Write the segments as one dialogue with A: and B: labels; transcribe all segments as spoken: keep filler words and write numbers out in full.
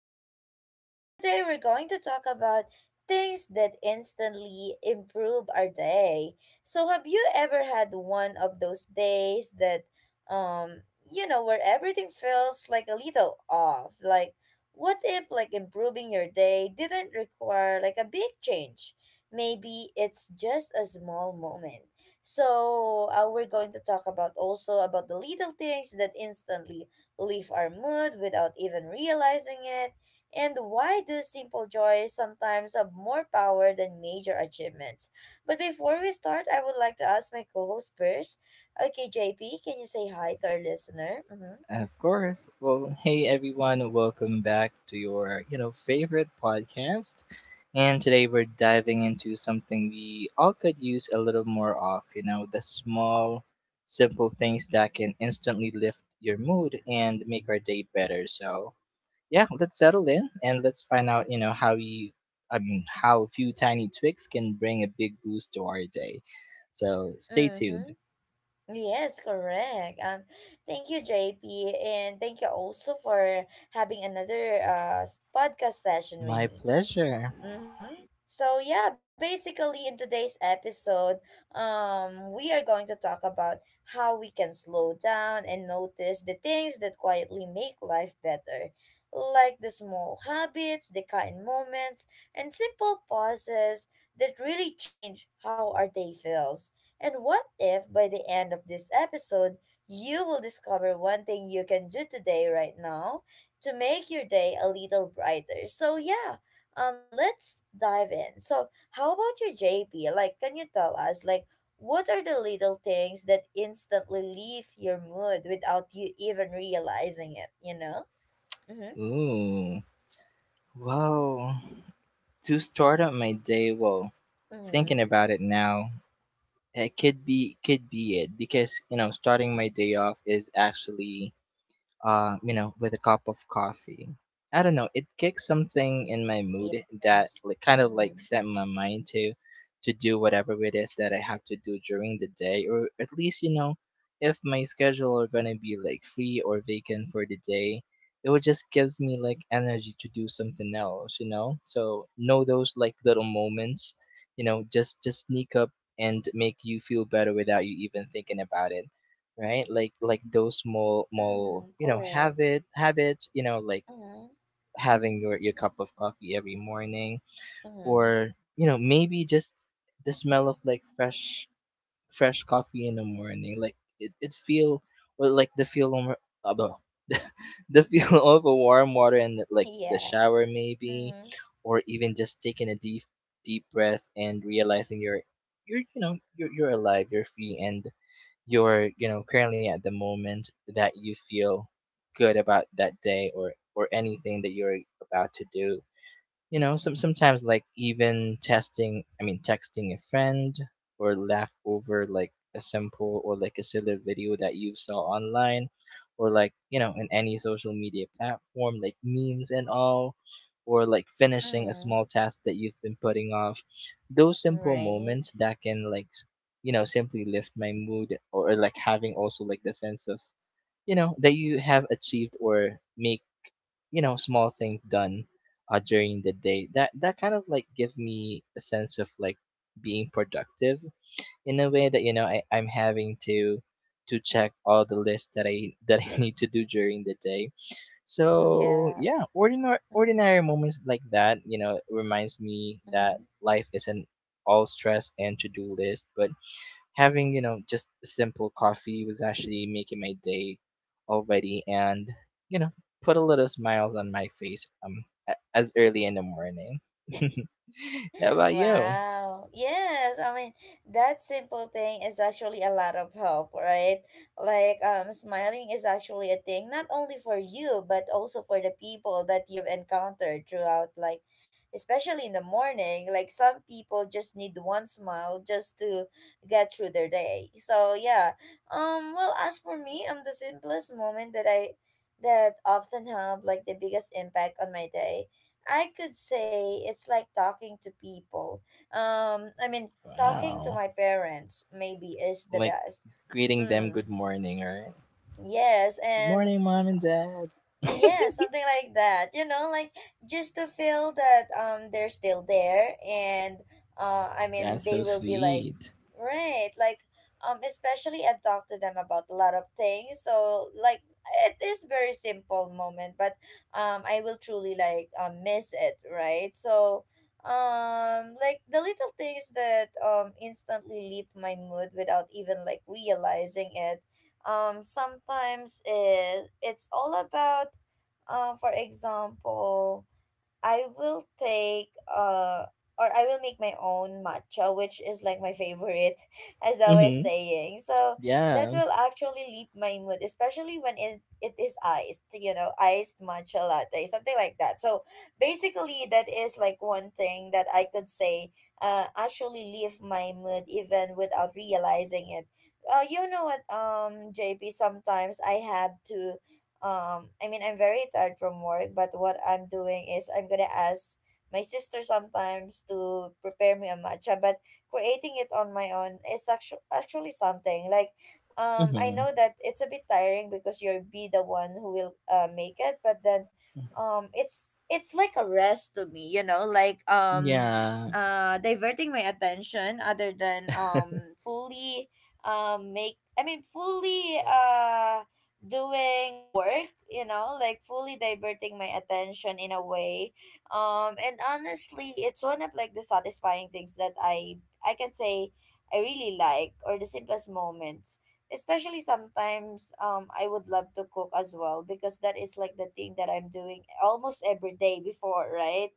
A: J P. So today we're going to talk about things that instantly improve our day. So have you ever had one of those days that um you know where everything feels like a little off? Like what if like improving your day didn't require like a big change? Maybe it's just a small moment. So uh, we're going to talk about also about the little things that instantly lift our mood without even realizing it, and why do simple joys sometimes have more power than major achievements. But before we start, I would like to ask my co-host first. Okay, J P, can you say hi to our listener? Mm-hmm.
B: Of course. Well, hey everyone, welcome back to your, you know, favorite podcast. And today we're diving into something we all could use a little more of, you know, the small, simple things that can instantly lift your mood and make our day better. So, yeah, let's settle in and let's find out, you know, how you I mean, how a few tiny tweaks can bring a big boost to our day. So, stay tuned.
A: Mm-hmm. Yes, correct. Um, thank you, J P, and thank you also for having another uh s- podcast session with
B: My
A: me.
B: pleasure.
A: Mm-hmm. So yeah, basically in today's episode, um, we are going to talk about how we can slow down and notice the things that quietly make life better, like the small habits, the kind moments, and simple pauses that really change how our day feels. And what if by the end of this episode, you will discover one thing you can do today right now to make your day a little brighter. So yeah, um, let's dive in. So, how about you, J P? Like, can you tell us, like, what are the little things that instantly leave your mood without you even realizing it? You know? Mm-hmm.
B: Ooh. Well, to start up my day, well, thinking
A: Mm-hmm.
B: about it now, it could be could be it because you know starting my day off is actually uh, you know, with a cup of coffee. I don't know. It kicked something in my mood that
A: Yes.
B: like kind of like
A: Mm-hmm.
B: set my mind to to do whatever it is that I have to do during the day, or at least you know, if my schedule are gonna be like free or vacant for the day, it would just gives me like energy to do something else, you know. So know those like little moments, you know, just just sneak up and make you feel better without you even thinking about it, right? like like those small small
A: Mm,
B: you know
A: correct.
B: habit habits, you know, like
A: Mm-hmm.
B: having your your cup of coffee every morning,
A: Mm-hmm.
B: or you know maybe just the smell of like fresh fresh coffee in the morning, like it, it feel, or like the feel of uh, the the feel of a warm water and like the
A: Yeah.
B: shower maybe,
A: Mm-hmm.
B: or even just taking a deep deep breath and realizing you're you're you know you're, you're alive, you're free, and you're you know currently at the moment that you feel good about that day, or or anything that you're about to do, you know. Some sometimes like even testing, I mean texting a friend, or laugh over like a simple or like a silly video that you saw online, or like, you know, in any social media platform, like memes and all, or like finishing a
A: Mm-hmm.
B: small task that you've been putting off. Those simple
A: Right.
B: moments that can like, s- you know, simply lift my mood, or or like having also like the sense of you know that you have achieved or make you know small things done uh, during the day, that that kind of like give me a sense of like being productive in a way that you know I, I'm having to to check all the lists that I that I need to do during the day. So
A: Yeah.
B: yeah, ordinary
A: Mm-hmm.
B: ordinary moments like that, you know, reminds me that
A: mm-hmm.
B: life isn't all stress and to-do list, but having you know just a simple coffee was actually making my day already, and you know put a little smiles on my face um a- as early in the morning. How about you?
A: Wow. Yes, I mean that simple thing is actually a lot of help, right? Like um smiling is actually a thing not only for you but also for the people that you've encountered throughout like especially in the morning, like some people just need one smile just to get through their day. So yeah. Um well as for me, um the simplest moment that I that often have like the biggest impact on my day I could say it's like talking to people. Um, I mean, talking to
B: Wow,
A: my parents maybe is the
B: like
A: best.
B: greeting them
A: Mm,
B: good morning, right?
A: yes,
B: Good
A: and
B: morning, mom and dad.
A: yeah, something like that. You know, like just to feel that um they're still there and uh I mean
B: That's
A: they
B: so
A: will be like
B: sweet.
A: right, like um especially I've talked to them about a lot of things. So like it is very simple moment, but um I will truly like um miss it, right? So um like the little things that um instantly leave my mood without even like realizing it um sometimes it, it's all about um for example I will take uh or I will make my own matcha, which is like my favorite, as I was
B: Mm-hmm.
A: saying. So that
B: Yeah.
A: will actually leap my mood, especially when it, it is iced, you know, iced matcha latte, something like that. So basically, that is like one thing that I could say uh, actually leave my mood even without realizing it. Uh, you know what, um, J P, sometimes I have to um i mean I'm very tired from work but what I'm doing is I'm gonna ask my sister sometimes to prepare me a matcha but creating it on my own is actu- actually something like um I
B: Mm-hmm.
A: know that it's a bit tiring because you'll be the one who will uh, make it but then um it's it's like a rest to me you know like um
B: Yeah.
A: uh diverting my attention other than um fully um make I mean fully uh doing work you know like fully diverting my attention in a way um and honestly it's one of like the satisfying things that i i can say I really like or the simplest moments especially sometimes um I would love to cook as well because that is like the thing that I'm doing almost every day before right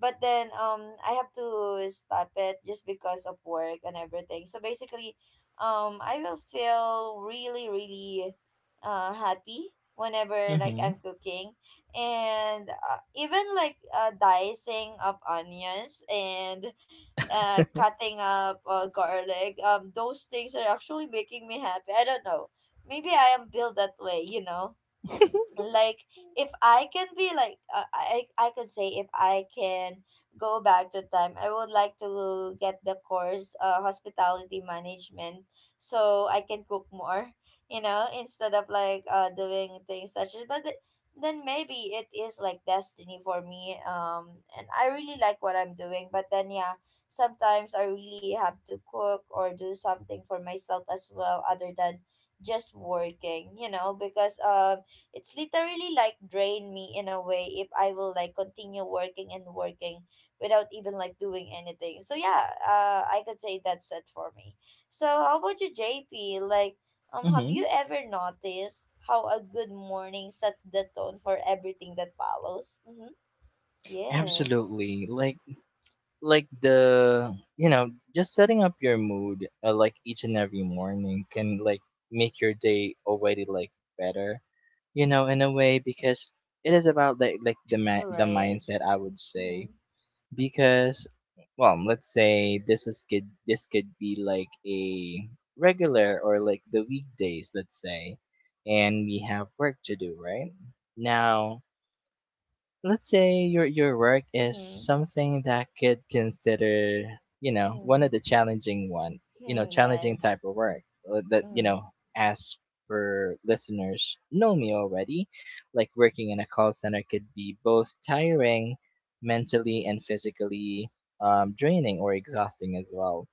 A: but then um I have to stop it just because of work and everything so basically um I will feel really really uh, happy whenever like
B: Mm-hmm.
A: I'm cooking, and uh, even like uh, dicing up onions and uh, cutting up uh, garlic. Um, those things are actually making me happy. I don't know. Maybe I am built that way, you know like if I can be like uh, i I could say if I can go back to time I would like to get the course uh, hospitality management so I can cook more you know instead of like uh doing things such as but th- then maybe it is like destiny for me um and I really like what I'm doing but then yeah sometimes I really have to cook or do something for myself as well other than just working you know because um it's literally like drain me in a way if I will like continue working and working without even like doing anything. So yeah, uh, I could say that's it for me. So how about you, J P? Like, um, have
B: Mm-hmm.
A: you ever noticed how a good morning sets the tone for everything that follows? Mm-hmm. Yes.
B: Absolutely, like like the you know just setting up your mood uh, like each and every morning can like make your day already like better, you know, in a way, because it is about like like the ma-
A: All
B: the
A: right.
B: mindset, I would
A: Mm-hmm.
B: say. Because, well, let's say this is could this could be like a regular or like the weekdays, let's say, and we have work to do, right? Now let's say your your work is
A: Mm-hmm.
B: something that could consider, you know, one of
A: Mm-hmm.
B: the challenging one, you know,
A: Hmm,
B: challenging
A: Yes.
B: type of work, uh, that you
A: Mm-hmm.
B: know, as per listeners know me already, like working in a call center could be both tiring mentally and physically, um, draining or exhausting as well.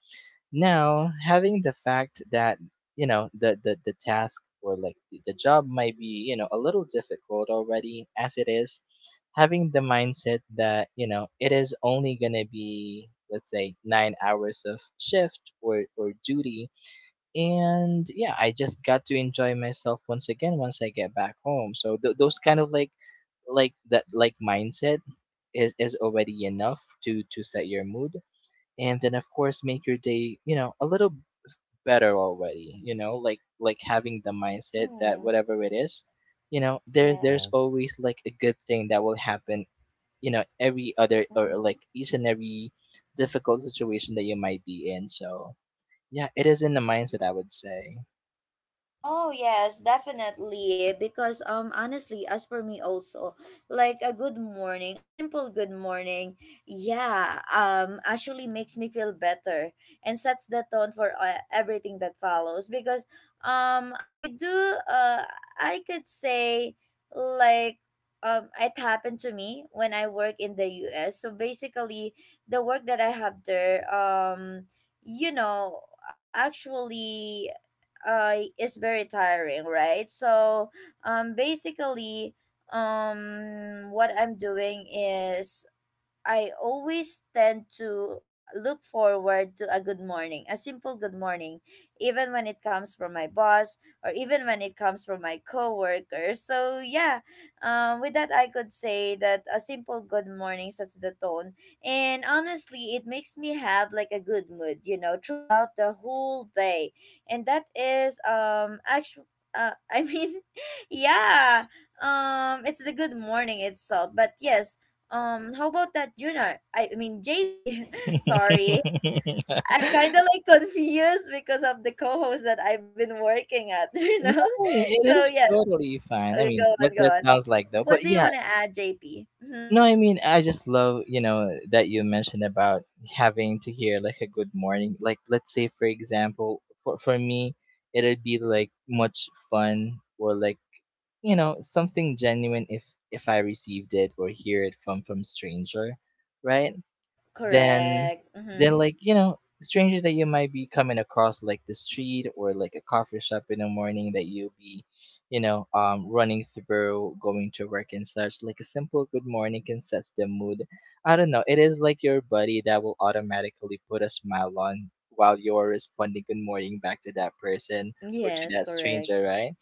B: Now, having the fact that you know the the, the task or like the the job might be you know a little difficult already as it is, having the mindset that you know it is only gonna be, let's say, nine hours of shift or or duty, and yeah, I just got to enjoy myself once again once I get back home. So th- those kind of like like that like mindset is is already enough to to set your mood, and then of course make your day you know a little better already, you know, like like having the mindset that
A: Mm-hmm.
B: whatever it is, you know, there's there's
A: Yes.
B: always like a good thing that will happen, you know, every other or
A: Mm-hmm.
B: like each and every difficult situation that you might be in. So yeah, it is in the mindset, I would say.
A: Oh yes, definitely. Because um honestly, as for me also, like a good morning, a simple good morning, yeah, um actually makes me feel better and sets the tone for uh, everything that follows because um I do uh I could say like um it happened to me when I work in the U S. So basically, the work that I have there um you know uh, actually uh is very tiring right so um basically um what I'm doing is I always tend to look forward to a good morning, a simple good morning, even when it comes from my boss or even when it comes from my coworker. So yeah, um, with that I could say that a simple good morning sets the tone, and honestly, it makes me have like a good mood, you know, throughout the whole day, and that is um actually. Uh, I mean, yeah, um, it's the good morning itself. But yes, um, how about that, Junior? I, mean, J P.
B: No,
A: Sorry, I'm kind of like confused because of the co-host that I've been working at, you know? So,
B: it is
A: yeah,
B: totally fine. I
A: okay,
B: mean,
A: go on,
B: that
A: go
B: that
A: on.
B: sounds like though,
A: What
B: but
A: do you
B: yeah,
A: want to add, J P? Mm-hmm.
B: no, I mean I just love you know that you mentioned about having to hear like a good morning. Like let's say for example, for for me, it'd be like much fun or like you know something genuine if if I received it or hear it from from stranger, right? Than
A: Correct.
B: than
A: Mm-hmm.
B: like you know strangers that you might be coming across like the street or like a coffee shop in the morning that you'll be you know um running through going to work and such, like a simple good morning can set the mood. I don't know, it is like your buddy that will automatically put a smile on while you're responding good morning back to that person or to
A: Yes,
B: that
A: correct.
B: stranger, right?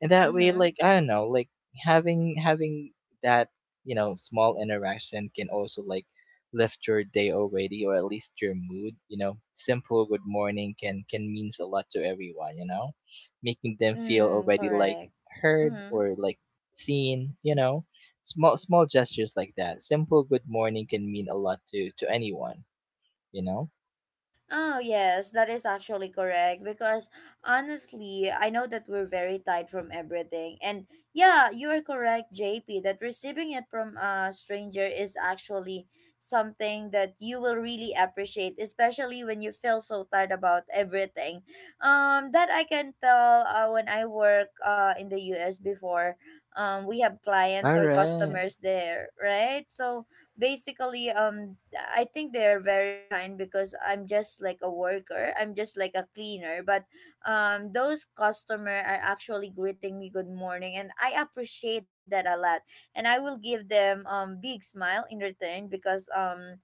B: And that way
A: Mm-hmm.
B: like I don't know, like having having that you know small interaction can also like lift your day already, or at least your mood. You know simple good morning can can means a lot to everyone, you know, making them feel
A: Mm,
B: already like
A: correct.
B: heard
A: Mm-hmm.
B: or like seen, you know, small small gestures like that simple good morning can mean a lot to to anyone, you know.
A: Oh, yes, that is actually correct because honestly, I know that we're very tied from everything. And yeah, you are correct, J P, that receiving it from a stranger is actually something that you will really appreciate, especially when you feel so tired about everything. Um that I can tell uh, when I work uh in the U S before, um we have clients
B: All
A: or
B: right.
A: customers there, right? So, basically um I think they're very kind because I'm just like a worker I'm just like a cleaner but um those customer are actually greeting me good morning and I appreciate that a lot and I will give them um big smile in return because um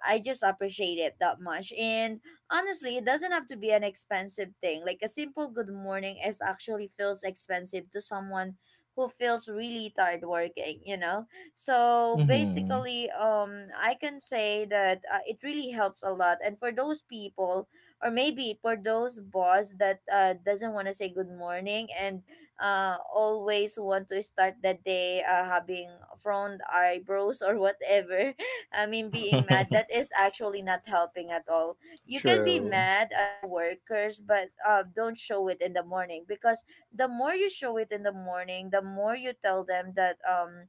A: I just appreciate it that much. And honestly, it doesn't have to be an expensive thing. Like a simple good morning is actually feels expensive to someone who feels really tired working, you know? So
B: Mm-hmm.
A: basically, um I can say that uh, it really helps a lot. And for those people or maybe for those boss that uh, doesn't want to say good morning and uh always want to start the day uh, having frowned eyebrows or whatever I mean, being mad, that is actually not helping at all. You can be
B: True.
A: mad at the workers, but uh, don't show it in the morning because the more you show it in the morning, the more you tell them that um,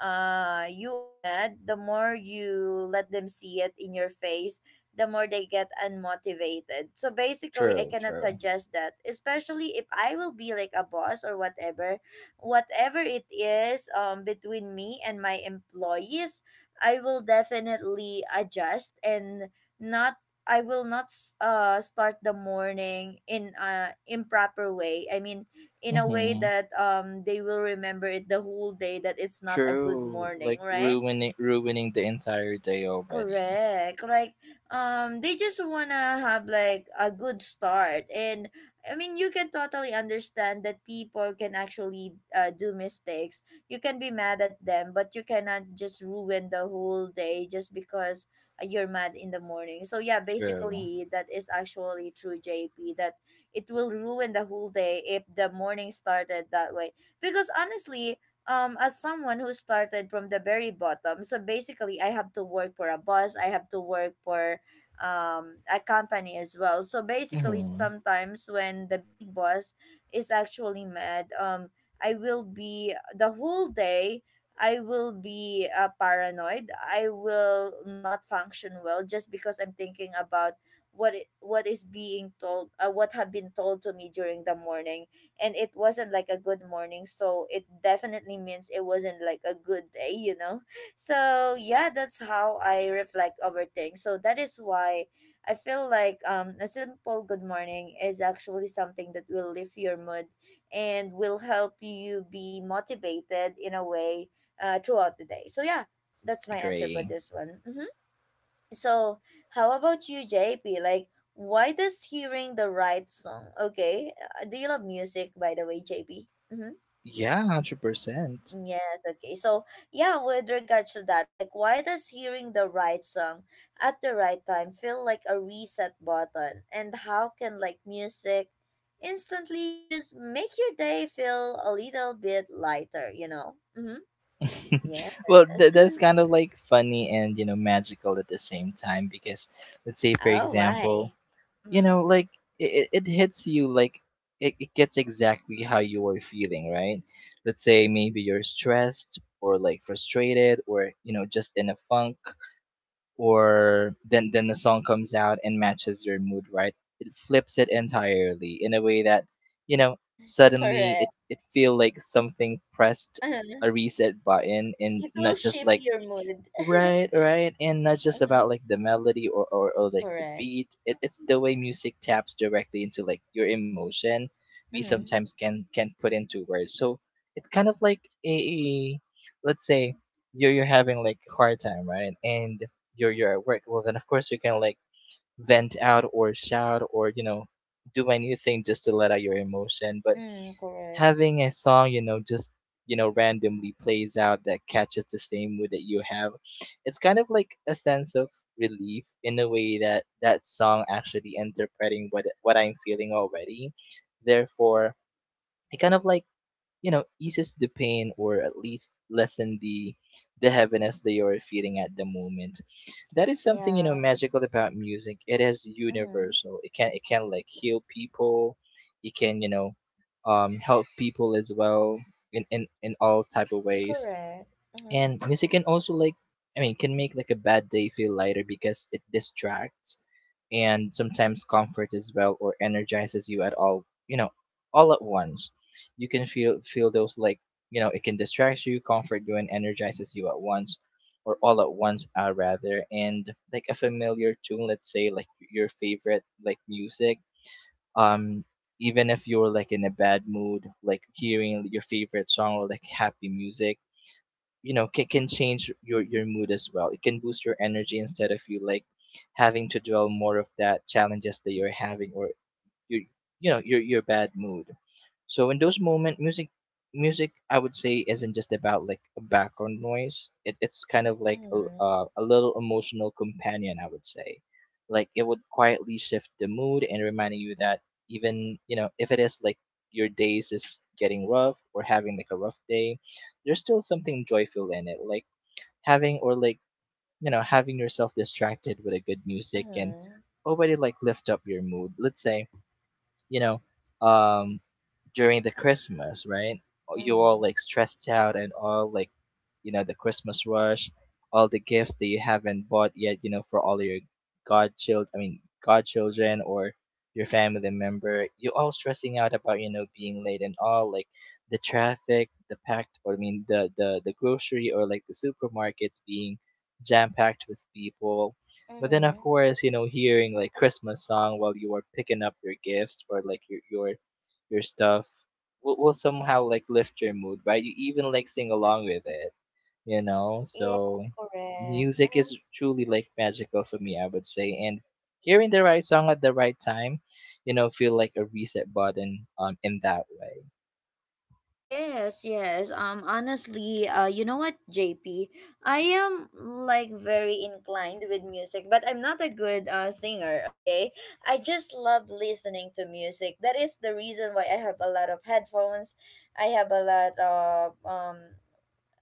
A: uh, you are mad, the more you let them see it in your face, the more they get unmotivated. So basically, I
B: true
A: cannot
B: true.
A: suggest that, especially if I will be like a boss or whatever, whatever it is um, between me and my employees I will definitely adjust and not I will not s- uh start the morning in a improper way. I mean, in a way
B: Hmm.
A: that um they will remember it the whole day that it's not a good
B: True.
A: morning,
B: Like
A: right?
B: ruining ruining the entire day already.
A: Correct. Like, um, they just wanna have like a good start, and I mean, you can totally understand that people can actually uh, do mistakes. You can be mad at them, but you cannot just ruin the whole day just because uh, you're mad in the morning. So yeah,
B: True.
A: basically, that is actually true, J P. That it will ruin the whole day if the morning started that way. Because honestly, um as someone who started from the very bottom, so basically I have to work for a boss, I have to work for um a company as well. So basically
B: Mm-hmm.
A: sometimes when the big boss is actually mad, um I will be the whole day. I will be uh, paranoid. I will not function well just because I'm thinking about what i- what is being told, uh, what have been told to me during the morning. And it wasn't like a good morning, so it definitely means it wasn't like a good day, you know. So yeah, that's how I reflect over things. So that is why I feel like um a simple good morning is actually something that will lift your mood and will help you be motivated in a way uh, throughout the day. So yeah, that's my answer for
B: Agree.
A: this one. Mm-hmm. So, how about you, J P? Like, why does hearing the right song? Okay, uh, do you love music, by the way, J P? Mm-hmm.
B: Yeah, one hundred percent.
A: Yes, okay. So, yeah, with regards to that, like, why does hearing the right song at the right time feel like a reset button? And how can, like, music instantly just make your day feel a little bit lighter, you know? Mm-hmm. Yes.
B: Well, th- that's kind of like funny and, you know, magical at the same time, because let's say for
A: Oh,
B: example,
A: why?
B: you
A: Mm-hmm.
B: know, like it, it hits you like it, it gets exactly how you are feeling, right? Let's say maybe you're stressed or like frustrated or, you know, just in a funk, or then then the song comes out and matches your mood, right? It flips it entirely in a way that, you know, suddenly
A: Correct.
B: it it feel like something pressed a reset button, and
A: It will
B: not just
A: shift
B: like,
A: your mood.
B: right, right. And not just
A: Mhm.
B: about like the melody or, or, or like the
A: Correct.
B: beat. It, it's the way music taps directly into like your emotion we
A: Mm-hmm.
B: sometimes can can put into words. So it's kind of like a, a- let's say you're you're having like hard time, right? And you're you're at work. Well then of course you can like vent out or shout or, you know, do anything just to let out your emotion. But
A: Mm, correct.
B: having a song, you know, just you know randomly plays out that catches the same mood that you have, it's kind of like a sense of relief in a way that that song actually interpreting what what I'm feeling already. Therefore it kind of like, you know, eases the pain or at least lessen the the heaviness that you're feeling at the moment. That is something, you know,
A: Yeah.
B: magical about music. It is
A: Mm-hmm.
B: universal, it can it can like heal people, it can, you know, um help people as well in in, in all type of ways.
A: Correct. Mm-hmm.
B: And music can also like, I mean, can make like a bad day feel lighter because it distracts and sometimes comforts as well or energizes you at all, you know, all at once. You can feel feel those like, you know, it can distract you, comfort you, and energizes you at once, or all at once, uh, rather. And like a familiar tune, let's say like your favorite like music, um even if you're like in a bad mood, like hearing your favorite song or like happy music, you know, can, can change your your mood as well. It can boost your energy instead of you like having to dwell more of that challenges that you're having or your, you know, your your bad mood. So in those moments, music, music, I would say, isn't just about like a background noise. It, it's kind of like a,
A: Mm-hmm.
B: uh, a little emotional companion, I would say. Like it would quietly shift the mood and reminding you that even you know if it is like your days is getting rough or having like a rough day, there's still something joyful in it. Like having or like you know having yourself distracted with a good music can
A: Mm-hmm.
B: already like lift up your mood. Let's say, you know, um during the Christmas, right? You're all
A: Mm-hmm.
B: like stressed out and all like, you know, the Christmas rush, all the gifts that you haven't bought yet, you know, for all your godchild, I mean, godchildren or your family member. You're all stressing out about, you know, being late and all like the traffic, the packed, or I mean, the the the grocery or like the supermarkets being jam packed with people. But then, of
A: Mm-hmm.
B: course, you know, hearing like Christmas song while you are picking up your gifts or like your your your stuff will, will somehow like lift your mood, right? You even like sing along with it, you know,
A: Yes,
B: so
A: correct.
B: music
A: Mm-hmm.
B: is truly like magical for me, I would say. And hearing the right song at the right time, you know, feel like a reset button um in that way.
A: Yes, yes. Um, honestly, uh, you know what, J P? I am like very inclined with music, but I'm not a good uh singer, okay? I just love listening to music. That is the reason why I have a lot of headphones. I have a lot of um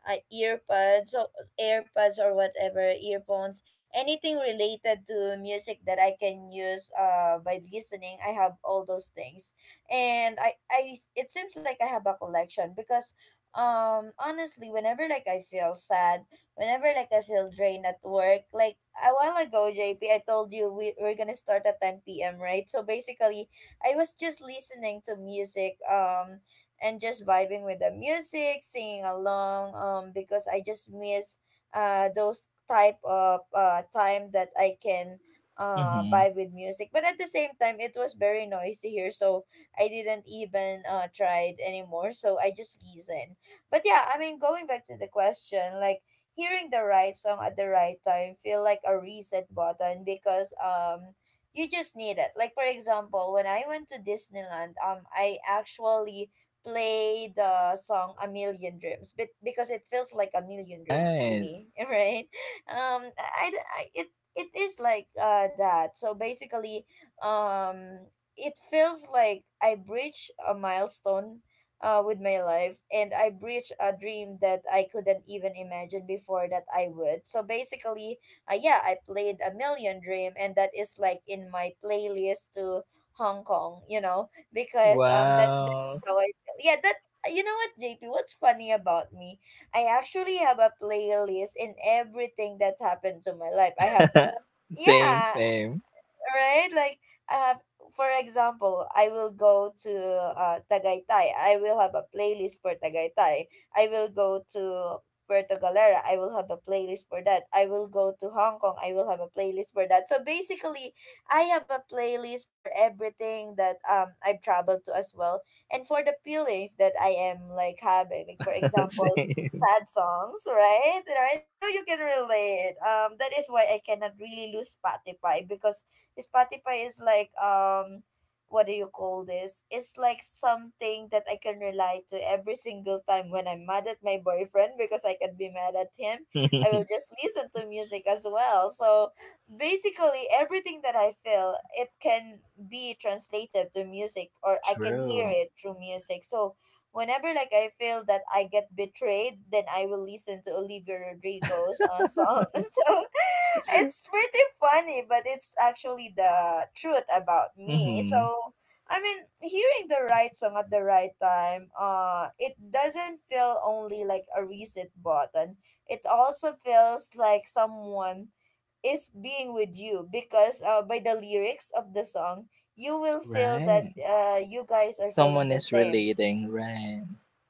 A: uh, earbuds or airpods or whatever earphones, anything related to music that I can use uh by listening. I have all those things. And i i it seems like I have a collection, because um honestly, whenever like I feel sad, whenever like I feel drained at work. Like a while ago, JP, I told you we, we're gonna start at ten p m, right? So basically I was just listening to music, um and just vibing with the music, singing along. Um, because I just miss uh those type of uh time that I can uh
B: Mm-hmm.
A: vibe with music. But at the same time, it was very noisy here, so I didn't even uh try it anymore. So I just listen. But yeah, I mean, going back to the question, like hearing the right song at the right time feel like a reset button, because um you just need it. Like for example, when I went to Disneyland, um I actually play the song A Million Dreams, but because it feels like a million dreams to
B: Right.
A: me, right? Um I, I I- it it is like uh that. So basically um it feels like I breached a milestone uh with my life, and I breached a dream that I couldn't even imagine before that I would. So basically uh, yeah, I played a million dream, and that is like in my playlist to Hong Kong, you know, because um that.
B: Wow.
A: Yeah, that. You know what, J P, what's funny about me? I actually have a playlist in everything that happened to my life. I have.
B: same
A: Yeah,
B: same
A: right? Like, I have, for example, I will go to uh, Tagaytay. I will have a playlist for Tagaytay. I will go to Puerto Galera. I will have a playlist for that. I will go to Hong Kong. I will have a playlist for that. So basically, I have a playlist for everything that um I've traveled to as well, and for the feelings that I am like having. Like for example,
B: Same.
A: sad songs, right? Right? I know you can relate. Um, that is why I cannot really lose Spotify, because Spotify is like um what do you call this? It's like something that I can relate to every single time when I'm mad at my boyfriend, because I can be mad at him. I will just listen to music as well. So basically everything that I feel, it can be translated to music, or I can hear
B: True.
A: it through music. So whenever like I feel that I get betrayed, then I will listen to Olivia Rodrigo's uh, song. So it's pretty funny, but it's actually the truth about me.
B: Mm-hmm.
A: So I mean, hearing the right song at the right time, uh, it doesn't feel only like a reset button. It also feels like someone is being with you, because uh, by the lyrics of the song, you will feel that
B: Right.
A: uh, you guys are feeling
B: Someone
A: the
B: is
A: same.
B: relating, right?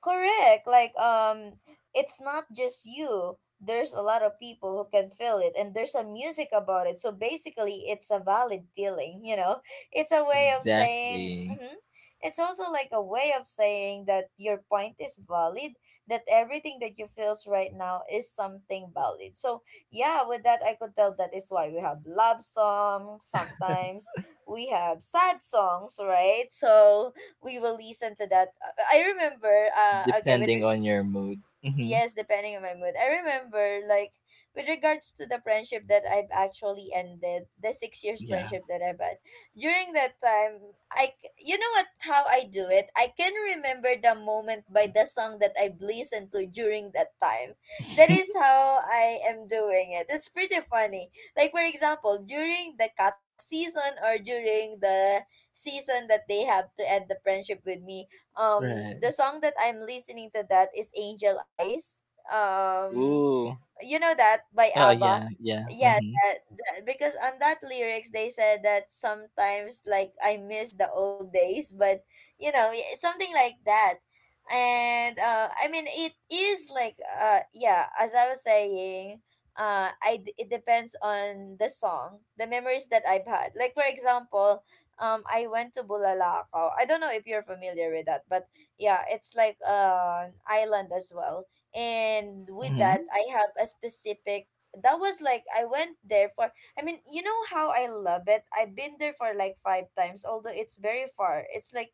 A: Correct. Like um it's not just you. There's a lot of people who can feel it, and there's a music about it. So basically it's a valid feeling, you know. It's a way of saying,
B: Exactly.
A: hmm, it's also like a way of saying that your point is valid, that everything that you feels right now is something valid. So yeah, with that I could tell, that is why we have love songs. Sometimes we have sad songs, right? So we will listen to that. Uh, I remember. Uh, okay. With
B: Depending
A: re-
B: on your mood. Mhm.
A: yes, depending on my mood. I remember, like, with regards to the friendship that I've actually ended, the six years
B: Yeah.
A: friendship that I've had. During that time, I, c- you know what, how I do it? I can remember the moment by the song that I've listened to during that time. That is how I am doing it. It's pretty funny. Like, for example, during the cut-off season, or during the season that they have to end the friendship with me, um
B: Right.
A: the song that I'm listening to, that is Angel Eyes. Um
B: Ooh.
A: you know that, by
B: Oh
A: ABBA?
B: yeah, yeah.
A: Yeah,
B: Mhm.
A: that, that, because on that lyrics they said that sometimes like I miss the old days, but you know, y- something like that. And uh I mean, it is like uh yeah, as I was saying, uh I d- it depends on the song, the memories that I've had. Like for example, um I went to Bulalakaw. I don't know if you're familiar with that, but yeah, it's like uh, an island as well. And with that
B: Mhm.
A: I have a specific, that was like I went there for, I mean, you know how I love it. I've been there for like five times, although it's very far. It's like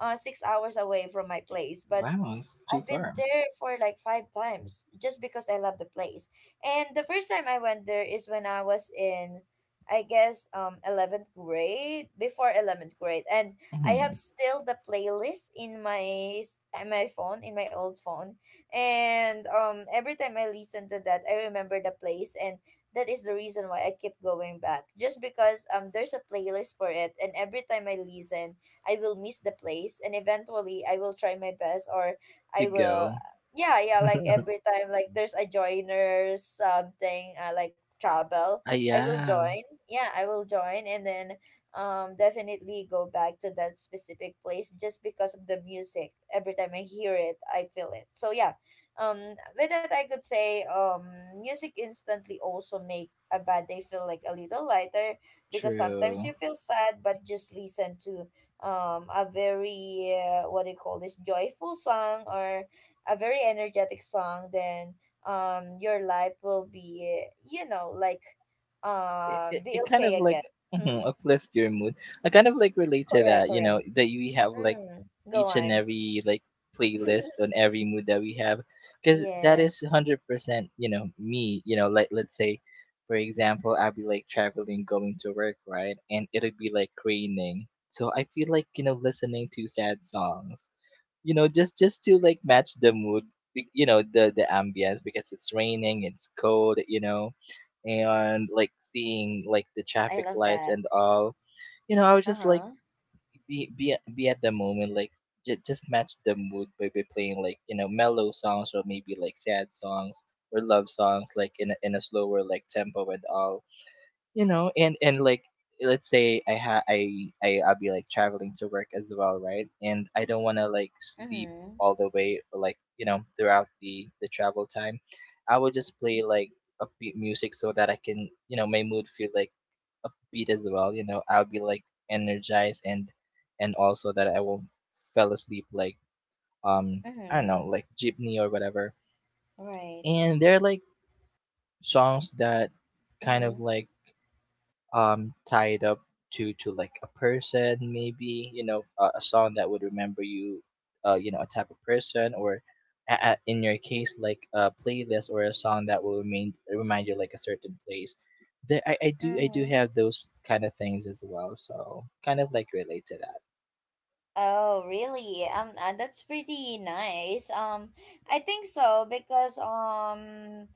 A: uh six hours away from my place. But
B: Wow, it's too
A: I've been
B: far.
A: there for like five times just because I love the place. And the first time I went there is when I was in, I guess, um, eleventh grade, before eleventh grade. And I
B: Mhm.
A: have still the playlist in my, s- in my phone, in my old phone. And um, every time I listen to that, I remember the place. And that is the reason why I keep going back. Just because um, there's a playlist for it. And every time I listen, I will miss the place, and eventually I will try my best, or
B: To
A: I will.
B: go.
A: Yeah, yeah. Like every time, like there's a joiner something uh, like travel,
B: Ah
A: I will
B: yeah.
A: join. Yeah, I will join, and then um definitely go back to that specific place just because of the music. Every time I hear it, I feel it. So yeah, um, with that I could say, um music instantly also make a bad day feel like a little lighter, because sometimes
B: True.
A: you feel sad, but just listen to um a very uh, what do you call this, joyful song, or a very energetic song. Then um your life will be, you know, like
B: it,
A: um
B: it,
A: be
B: it kind of
A: okay
B: like
A: again. Hmm.
B: mhm, uplift your mood. I kind of like relate to
A: Correct,
B: that, you
A: correct.
B: know, that you have like
A: Mm. Go
B: each and
A: on.
B: every like playlist on every mood that we have, because that is
A: Yes,
B: one hundred percent. You know me. You know, like, let's say, for example, I'll be like traveling going to work, right? And it'll be like raining, so I feel like, you know, listening to sad songs, you know, just just to like match the mood, be- you know, the the ambience, because it's raining, it's cold, you know, and like seeing like the
A: yes. I
B: traffic
A: love
B: lights
A: that.
B: and all, you know, I was just like
A: Uh-huh.
B: be be, be at the moment, like j- just match the mood by, by playing like, you know, mellow songs, or maybe like sad songs or love songs, like in a, in a slower like tempo and all, you know. And and like, let's say, I ha I, I I'll be like traveling to work as well, right? And I don't want to like sleep
A: Mm-hmm.
B: all the way, like, you know, throughout the the travel time. I will just play like upbeat music, so that I can, you know, my mood feel like upbeat as well, you know. I'll be like energized, and and also that I won't fell asleep, like um I don't
A: Mm-hmm.
B: know, like jeepney or whatever.
A: Right.
B: And they're like songs that kind of
A: Mm-hmm.
B: like um tied up to to like a person, maybe, you know, a, a song that would remember you, uh, you know, a type of person, or a- a- in your case, like a playlist or a song that will remain remind you like a certain place. There, i, I do i do
A: Mm-hmm.
B: have those kind of things as well, so kind of like relate to that.
A: Oh, really? Um, uh, that's pretty nice. Um, I think so, because um,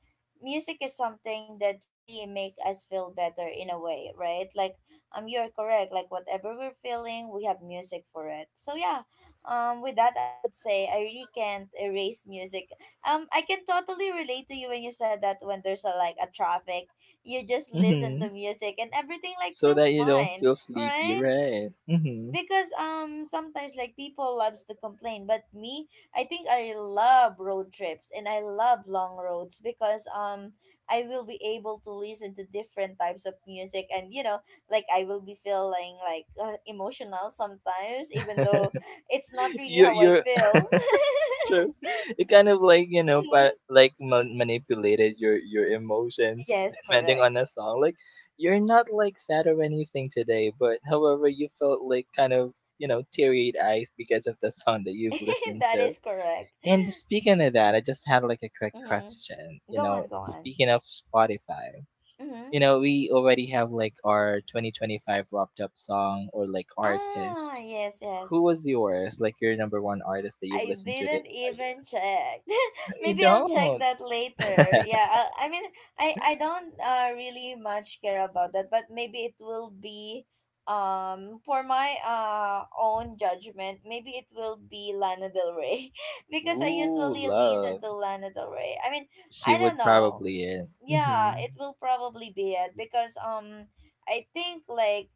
A: music is something that really make us feel better in a way, right? Like, um, you're correct. Like, whatever we're feeling, we have music for it. So yeah, um, with that, I could say I really can't erase music. Um, I can totally relate to you when you said that when there's a like a traffic, you just listen to
B: Mm-hmm.
A: music, and everything like
B: So
A: feels
B: that you don't
A: fine,
B: feel sleepy,
A: right?
B: right? Mm-hmm.
A: Because um sometimes like people loves to complain, but me, I think I love road trips, and I love long roads, because um I will be able to listen to different types of music. And you know, like I will be feeling like uh, emotional sometimes, even though it's not really
B: you
A: how I
B: you're
A: feel.
B: True. It kind of like, you know,
A: Mhm.
B: pa- like man- manipulated your your emotions
A: Yes,
B: depending on the
A: correct.
B: song. Like, you're not like sad or anything today, but however, you felt like kind of, you know, teary eyes because of the song that you've listened
A: That
B: to.
A: is correct.
B: And speaking of that, I just had like a quick
A: Mm-hmm.
B: question. You
A: Go
B: know,
A: on, go on.
B: speaking of Spotify,
A: Mm-hmm.
B: you know, we already have like our twenty twenty-five wrapped up song or like
A: Ah,
B: artist.
A: yes, yes.
B: Who was yours? Like your number one artist that you've
A: I
B: listened to the
A: didn't
B: entire—
A: even check.
B: You
A: Maybe I'll check
B: don't.
A: that later. Yeah, I, I mean, I I don't uh, really much care about that, but maybe it will be um for my uh own judgment. Maybe it will be Lana Del Rey because I
B: Ooh,
A: usually listen
B: love.
A: to Lana Del Rey. I mean,
B: She
A: I don't
B: would
A: know.
B: probably end.
A: Yeah,
B: Mm-hmm.
A: it will probably be it, because um I think like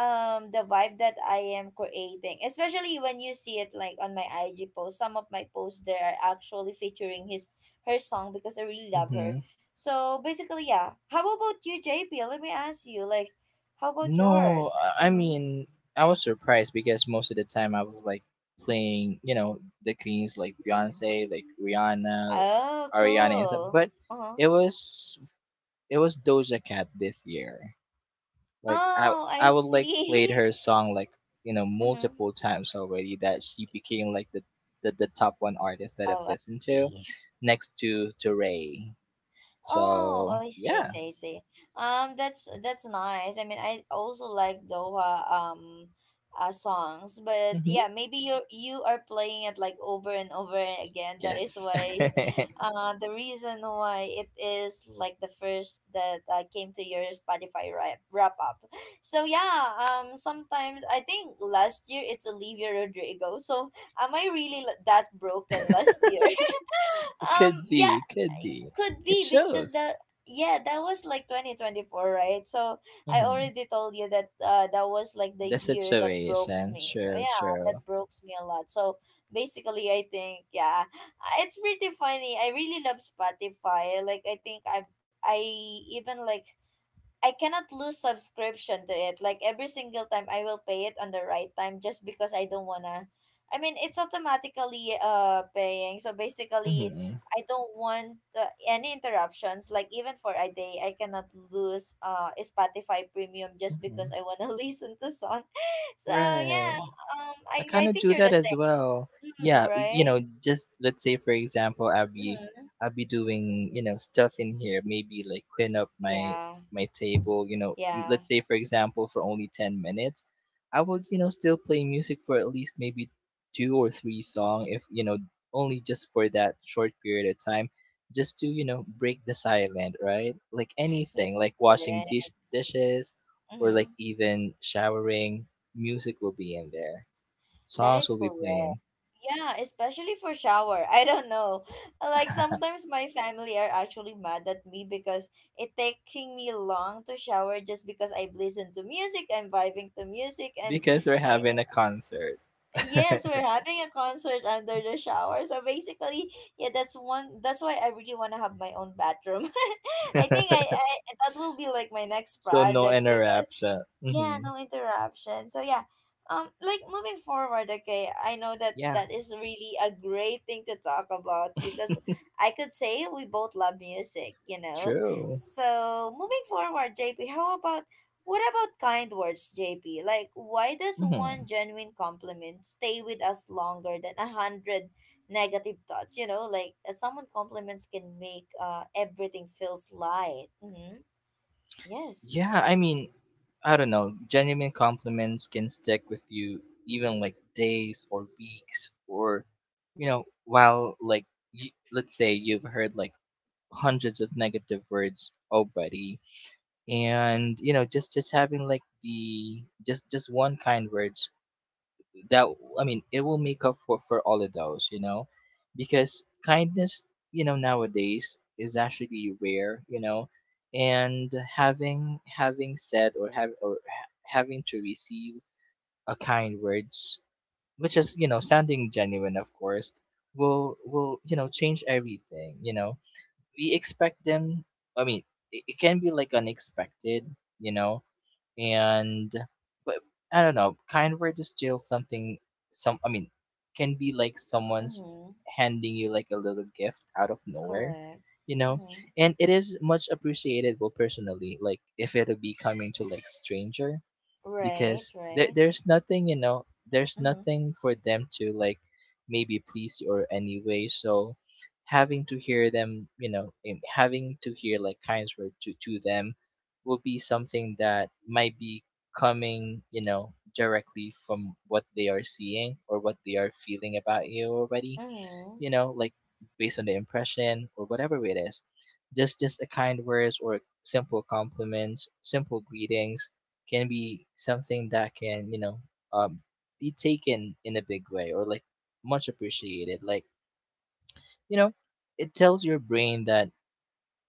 A: um the vibe that I am creating. Especially when you see it like on my I G post. Some of my posts there are actually featuring his her song because I really love her.
B: Mm-hmm.
A: So basically, yeah. How about you, J P? Let me ask you, like, how about
B: No,
A: yours?
B: I I
A: Mm-hmm.
B: mean, I was surprised because most of the time I was like playing, you know, the queens like Beyonce, like Rihanna,
A: Oh,
B: Ariana, and stuff.
A: cool.
B: But
A: Uh-huh.
B: it was it was Doja Cat this year. Like I
A: Oh, I
B: I would like played
A: see.
B: her song like, you know,
A: mm-hmm.
B: multiple times already, that she became like the the, the top one artist that I've
A: Oh, I
B: listened to,
A: see.
B: next to to Ray.
A: Oh,
B: So
A: I see, I
B: yeah,
A: see, I see. Um, that's that's nice. I mean, I also like Doha um uh, songs, but
B: hmm.
A: yeah, maybe you you are playing it like over and over again. That is
B: Yes,
A: why,
B: it
A: uh, the reason why it is like the first that uh, came to your Spotify wrap wrap up. So yeah, um, sometimes I think last year it's Olivia Rodrigo. So am I really l- that broken last year?
B: could
A: Um yeah,
B: be, it could be.
A: could
B: It
A: be because that,
B: shows.
A: yeah, that was like twenty twenty-four, right? So I
B: Hmm.
A: already told you that uh that was like the
B: The
A: year that breaks
B: situation,
A: me,
B: true,
A: yeah, that
B: true.
A: breaks me a lot. So basically, I think, yeah, uh, it's pretty funny. I really love Spotify. Like, I think i i even like I cannot lose subscription to it. Like every single time I will pay it on the right time just because I don't wanna, I mean, it's automatically uh paying. So basically,
B: Hmm.
A: I don't want uh, any interruptions. Like even for a day I cannot lose uh Spotify premium just because
B: Hmm.
A: I wanna listen to song. So yeah,
B: Right.
A: um
B: I
A: I,
B: kind
A: I
B: of
A: think
B: do
A: you're
B: that
A: the
B: as
A: same.
B: well.
A: Mm,
B: Yeah, w- you
A: right?
B: know, just let's say, for example, I'll be
A: Mm-hmm.
B: I'll be doing, you know, stuff in here, maybe like clean up my
A: Yeah.
B: my table. You know, m-
A: Yeah.
B: let's say, for example, for only ten minutes, I will, you know, still play music for at least maybe two or three song, if you know only just for that short period of time, just to, you know, break the silent, right? Like
A: Yes,
B: anything, like washing
A: correct.
B: dish dishes, or like
A: Mm-hmm.
B: even showering, music will be in there.
A: That
B: Songs
A: is
B: will be
A: correct.
B: playing
A: Yeah, especially for shower. I don't know. Like sometimes my family are actually mad at me because it taking me long to shower just because I've listened to music, I'm vibing to music, and
B: because we're having a concert.
A: yes, we're having a concert under the shower. So basically, yeah, that's one, that's why I really want to have my own bathroom. I think I, I that will be like my next
B: So no
A: project because
B: interruption.
A: yeah,
B: Hmm.
A: no interruption. So yeah. Um like moving forward, okay, I know that
B: Yeah,
A: that is really a great thing to talk about because I could say we both love music, you know.
B: true.
A: So moving forward, J P, how about what about kind words, J P? Like, why does one
B: Hmm.
A: genuine compliment stay with us longer than a hundred negative thoughts? You know, like uh, someone compliments can make uh everything feels light. Mm-hmm. Yes.
B: Yeah, I mean, I don't know. Genuine compliments can stick with you even like days or weeks, or, you know, while like y let's say you've heard like hundreds of negative words already, and you know, just just having like the just just one kind words that, I mean, it will make up for for all of those, you know, because kindness, you know, nowadays is actually rare, you know. And having having said, or have, or ha- having to receive a kind words, which is, you know, sounding genuine, of course, will will you know, change everything, you know. We expect them. I mean, it, it can be like unexpected, you know, and but I don't know, kind word is still something. Some I mean, can be like someone's
A: Mm-hmm.
B: handing you like a little gift out of nowhere,
A: Correct.
B: you know,
A: Mm-hmm.
B: and it is much appreciated. Well, personally, like if it'll be coming to like stranger,
A: Right.
B: because there,
A: Right.
B: there's nothing, you know, there's
A: Mm-hmm.
B: nothing for them to like maybe please you or anyway. So having to hear them, you know, in- having to hear like kind words to, to them will be something that might be coming, you know, directly from what they are seeing or what they are feeling about you already,
A: Mm-hmm.
B: you know, like based on the impression or whatever it is. Just just a kind words or simple compliments, simple greetings can be something that can, you know, um, be taken in a big way or like much appreciated. Like, you know, it tells your brain that,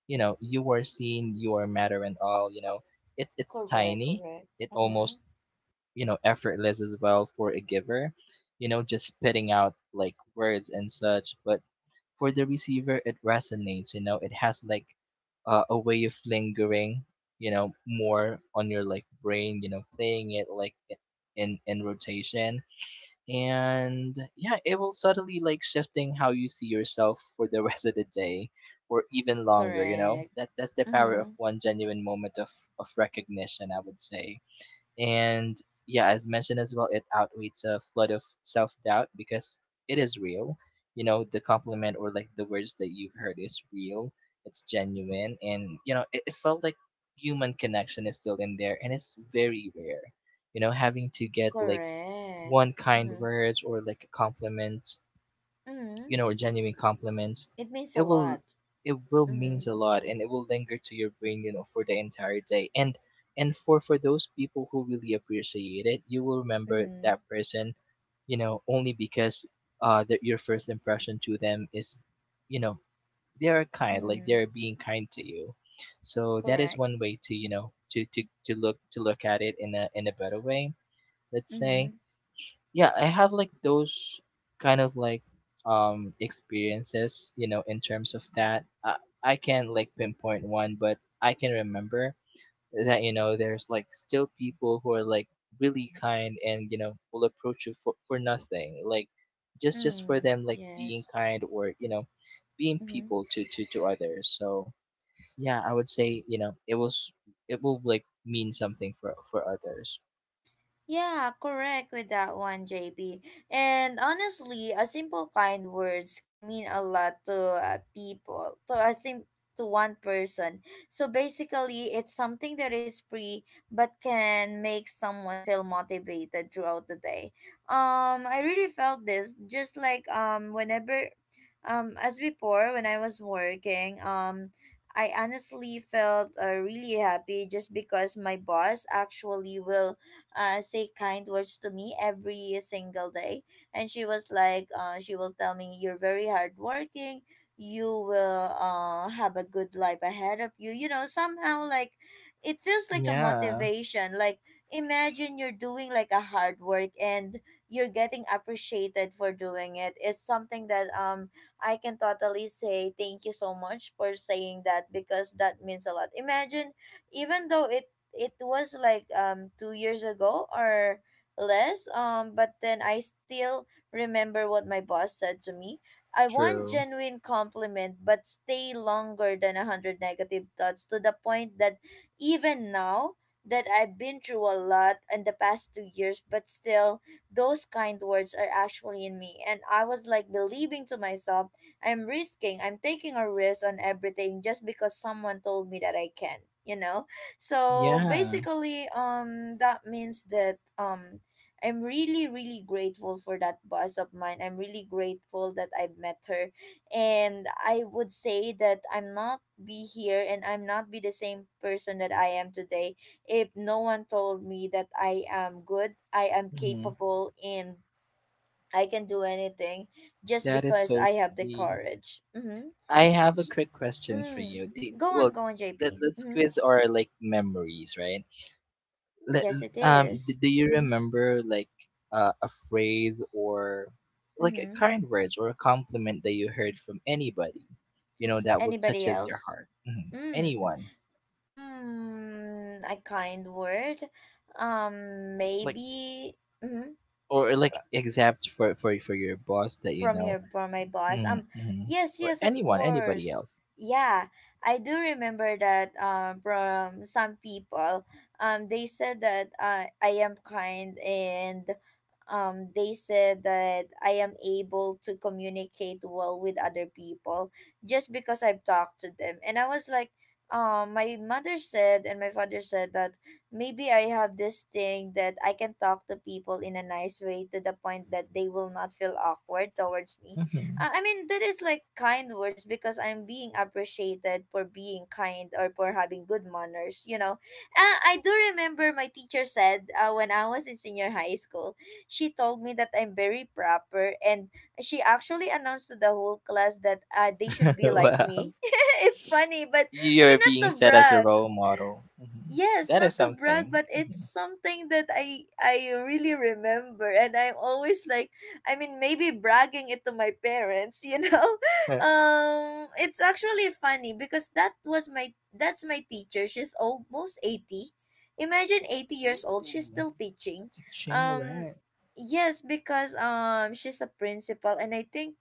B: you know, you are seen, you are matter and all, you know. It's it's
A: Correct.
B: tiny,
A: Correct.
B: it
A: Mm-hmm.
B: almost, you know, effortless as well for a giver, you know, just spitting out like words and such. But for the receiver, it resonates, you know. It has like, uh, a way of lingering, you know, more on your like brain, you know, playing it like in in rotation. And yeah, it will suddenly like shifting how you see yourself for the rest of the day, or even longer, you know.
A: Correct.
B: That that's the power of
A: Mm-hmm.
B: one genuine moment of of recognition, I would say. And yeah, as mentioned as well, it outweighs a flood of self doubt, because it is real. You know, the compliment or like the words that you've heard is real, it's genuine, and you know, it, it felt like human connection is still in there, and it's very rare. You know, having to get like
A: Correct.
B: one kind
A: Mm-hmm.
B: words or like a compliment,
A: Mm-hmm.
B: you know, or genuine compliments,
A: It means
B: it
A: a
B: will
A: lot.
B: it will
A: Mm-hmm.
B: means a lot, and it will linger to your brain, you know, for the entire day. And and for for those people who really appreciate it, you will remember
A: Mm-hmm.
B: that person, you know, only because uh that your first impression to them is, you know, they are kind, like
A: Mm-hmm.
B: they're being kind to you. So that is
A: Correct.
B: one way to, you know, to to to look to look at it in a in a better way, let's say.
A: Mm,
B: Yeah, I have like those kind of like um experiences, you know, in terms of that. I, I can't like pinpoint one, but I can remember that, you know, there's like still people who are like really kind, and you know, will approach you for, for nothing, like just just for
A: mm,
B: them like being
A: yes.
B: kind, or you know, being
A: Mm-hmm.
B: people to to to others. So yeah, I would say, you know, it was, it will like mean something for for others.
A: Yeah, correct with that one, J P. And honestly, a simple kind words can mean a lot to uh, people, to, I think, to one person. So basically, it's something that is free but can make someone feel motivated throughout the day. Um, I really felt this just like um whenever, um as before when I was working um. I honestly felt uh, really happy just because my boss actually will uh, say kind words to me every single day. And she was like, uh, she will tell me, "You're very hardworking. You will uh, have a good life ahead of you." You know, somehow, like, it feels like a
B: Yeah,
A: motivation. Like, imagine you're doing like a hard work and you're getting appreciated for doing it. It's something that um I can totally say thank you so much for saying that because that means a lot. Imagine, even though it it was like um two years ago or less, um but then I still remember what my boss said to me. I want
B: true.
A: genuine compliment but stay longer than a hundred negative thoughts, to the point that even now that I've been through a lot in the past two years, but still those kind words are actually in me, and I was like believing to myself, i'm risking i'm taking a risk on everything just because someone told me that I can, you know. So
B: Yeah.
A: basically, um, that means that um, I'm really, really grateful for that boss of mine. I'm really grateful that I met her, and I would say that I'm not be here and I'm not be the same person that I am today if no one told me that I am good, I am
B: Mhm.
A: capable, and I can do anything just
B: That is
A: because
B: so
A: I have the
B: sweet.
A: courage. Mm-hmm.
B: I have a quick question for
A: Mm.
B: you. Do,
A: Go
B: well,
A: on, go on,
B: let,
A: J P.
B: let
A: Mm-hmm.
B: quiz are like memories, right? Let,
A: Yes, it
B: um, do,
A: is.
B: do you
A: Mm-hmm.
B: remember like, uh, a phrase or like a
A: Mm-hmm.
B: kind word or a compliment that you heard from anybody, you know, that will
A: Anybody
B: touches your
A: else?
B: heart? Mhm.
A: Mm.
B: Anyone,
A: Mm, a kind word. Um,
B: like,
A: maybe. Mm-hmm.
B: or like except for for for your boss that you
A: from
B: know,
A: your from my boss.
B: mm-hmm.
A: Um,
B: Mm-hmm.
A: yes,
B: Or
A: yes, of
B: anyone, anybody
A: course.
B: else.
A: Yeah, I do remember that. Um, from some people, um, they said that uh, I am kind. And Um, they said that I am able to communicate well with other people just because I've talked to them. And I was like, um, my mother said and my father said that maybe I have this thing that I can talk to people in a nice way to the point that they will not feel awkward towards me.
B: Hmm.
A: Uh, I mean, that is like kind words because I'm being appreciated for being kind or for having good manners, you know. Uh, I do remember my teacher said uh, when I was in senior high school, she told me that I'm very proper, and she actually announced to the whole class that uh, they should be like
B: Wow.
A: me. it's funny, but I
B: You're
A: mean,
B: being
A: not to
B: set as a
A: brag,
B: role model. Mhm.
A: yes,
B: That is
A: not to brag,
B: something.
A: but it's
B: Mhm.
A: something that i i really remember, and I'm always like, I mean, maybe bragging it to my parents, you know. um it's actually funny because that was my that's my teacher. She's almost eighty. Imagine, eighty years old, she's
B: Ooh.
A: still teaching.
B: Teaching,
A: um
B: right?
A: yes, because um she's a principal, and I think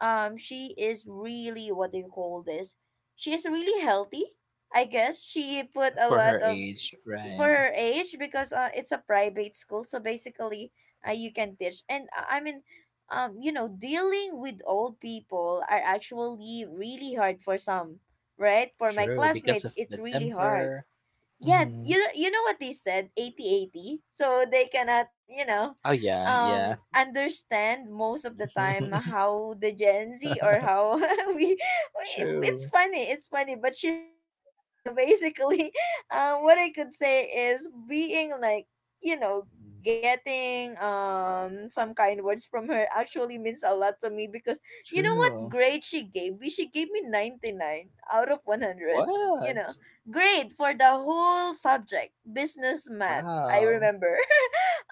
A: um she is really, what do you call this, she is really healthy. I guess she put a
B: For her
A: lot of
B: age,
A: for
B: right?
A: her age, because uh, it's a private school, so basically uh, you can teach. And uh, I mean, um, you know, dealing with old people are actually really hard for some, right? For my
B: True, because
A: classmates,
B: of the
A: it's really hard.
B: temper.
A: Yeah,
B: Hmm.
A: you you know what they said, eighty, eighty. So they cannot, you know,
B: Oh, yeah, yeah.
A: um understand most of the time how the Gen Z or how we, we it's
B: True,
A: funny, it's funny, but she's eighty, eighty. So basically, um what I could say is, being like, you know, getting um some kind words from her actually means a lot to me. Because you know what
B: true.
A: grade she gave me? She gave me ninety-nine out of one hundred, you
B: What?
A: know. Great for the whole subject, business math, I
B: Wow.
A: remember,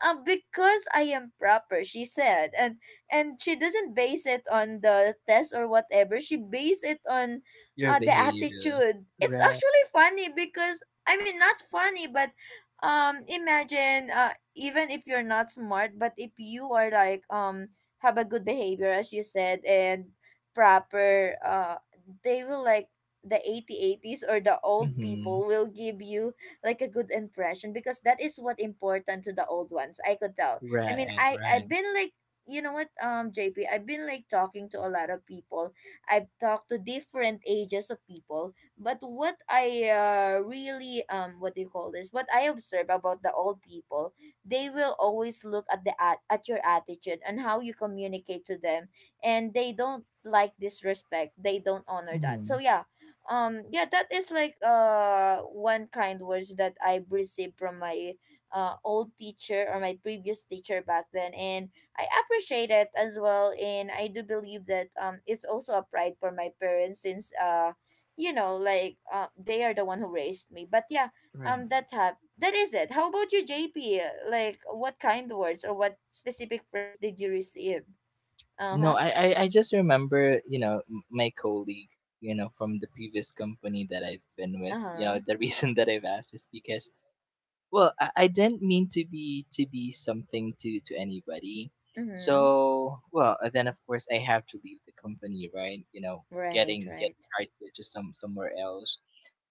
A: uh, because I am proper, she said. And and she doesn't base it on the test or whatever. She base it on
B: Your
A: uh, the
B: behavior.
A: attitude. It's
B: Right.
A: actually funny because, I mean, not funny, but um imagine uh even if you're not smart, but if you are like um have a good behavior as you said, and proper, uh they will like, the eighty eighties or the old
B: Hmm.
A: people will give you like a good impression because that is what important to the old ones. I could tell. I mean,
B: Right,
A: I I've
B: right.
A: been like, you know what, um J P, I've been like talking to a lot of people. I've talked to different ages of people, but what I uh, really, um what do you call this, what I observe about the old people, they will always look at the at, at your attitude and how you communicate to them, and they don't like disrespect, they don't honor that.
B: Hmm.
A: So yeah, um yeah, that is like uh one kind words that I've received from my uh old teacher or my previous teacher back then, and I appreciate it as well. And I do believe that um it's also a pride for my parents, since uh you know, like, uh, they are the one who raised me. But yeah,
B: Right.
A: um that hap- that is it. How about you, JP? Like, what kind words or what specific phrase did you receive?
B: No,
A: Uh-huh.
B: I, I, I just remember, you know, m- my colleague, you know, from the previous company that I've been with. You know,
A: Uh-huh.
B: the reason that I've asked is because, well, I, I didn't mean to be to be something to to anybody.
A: Mm-hmm.
B: So, well, uh, then of course I have to leave the company, right? You know,
A: Right,
B: getting getting
A: right.
B: hired to, to some somewhere else.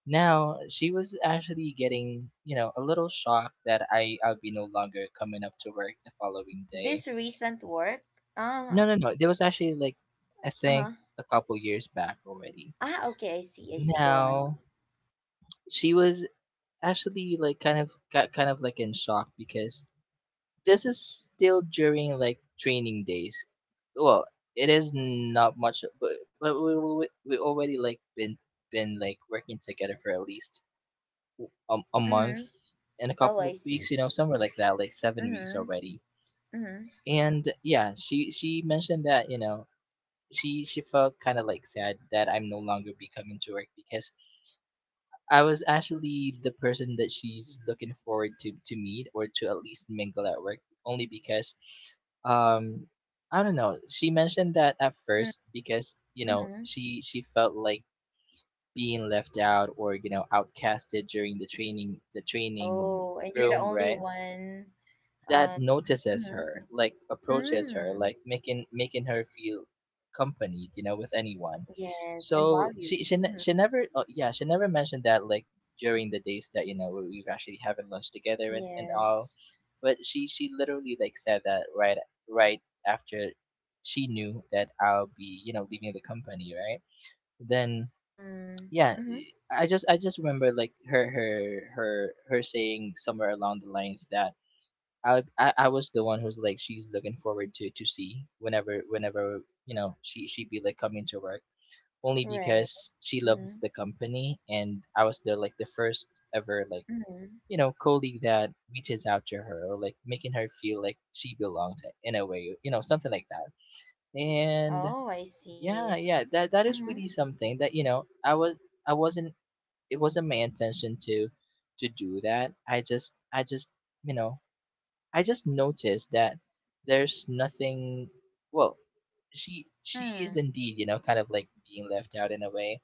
B: Now she was actually getting, you know, a little shocked that I I'll be no longer coming up to work the following day
A: This recent work? Uh,
B: no, No, no. There was actually like I
A: uh,
B: think a couple years back already.
A: ah, okay, I see, I see. Go on.
B: Now she was actually like kind of got kind of like in shock because this is still during like training days. Well, it is not much, but but we we, we already like been been like working together for at least a, a month
A: Mm-hmm.
B: and a
A: Oh,
B: couple
A: I
B: of weeks,
A: see.
B: you know, somewhere like that, like seven weeks
A: Mm-hmm.
B: already.
A: Mm-hmm.
B: And yeah, she she mentioned that you know she she felt kind of like sad that I'm no longer be coming to work because I was actually the person that she's looking forward to to meet or to at least mingle at work only because um I don't know. She mentioned that at
A: Mm-hmm.
B: first because, you know,
A: Mm-hmm.
B: she she felt like being left out or, you know, outcasted during the training the training
A: Oh, and you're the
B: room,
A: only
B: right?
A: one.
B: That
A: Uh,
B: notices
A: mm-hmm.
B: her, like approaches her,
A: Mm.
B: like making making her feel accompanied, you know, with anyone.
A: Yes, and
B: So
A: valued.
B: she she ne-
A: Mm-hmm.
B: she never uh, yeah she never mentioned that like during the days that you know we- we've actually having lunch together and, and all.
A: Yes.
B: But she she literally like said that right right after she knew that I'll be you know leaving the company right then
A: Mm.
B: yeah.
A: Mm-hmm.
B: I just I just remember like her her her her saying somewhere along the lines that I, I I was the one who's like she's looking forward to to see whenever whenever you know she she be like coming to work only
A: Right.
B: because she
A: Mm-hmm.
B: loves the company and I was the like the first ever like
A: Mm-hmm.
B: you know colleague that reaches out to her or like making her feel like she belonged in a way, you know, something like that. And
A: Oh, I see.
B: yeah yeah that that is
A: Mm-hmm.
B: really something that you know I was I wasn't, it wasn't my intention to to do that. I just I just you know I just noticed that there's nothing. Well, she she
A: Mm.
B: is indeed, you know, kind of like being left out in a way.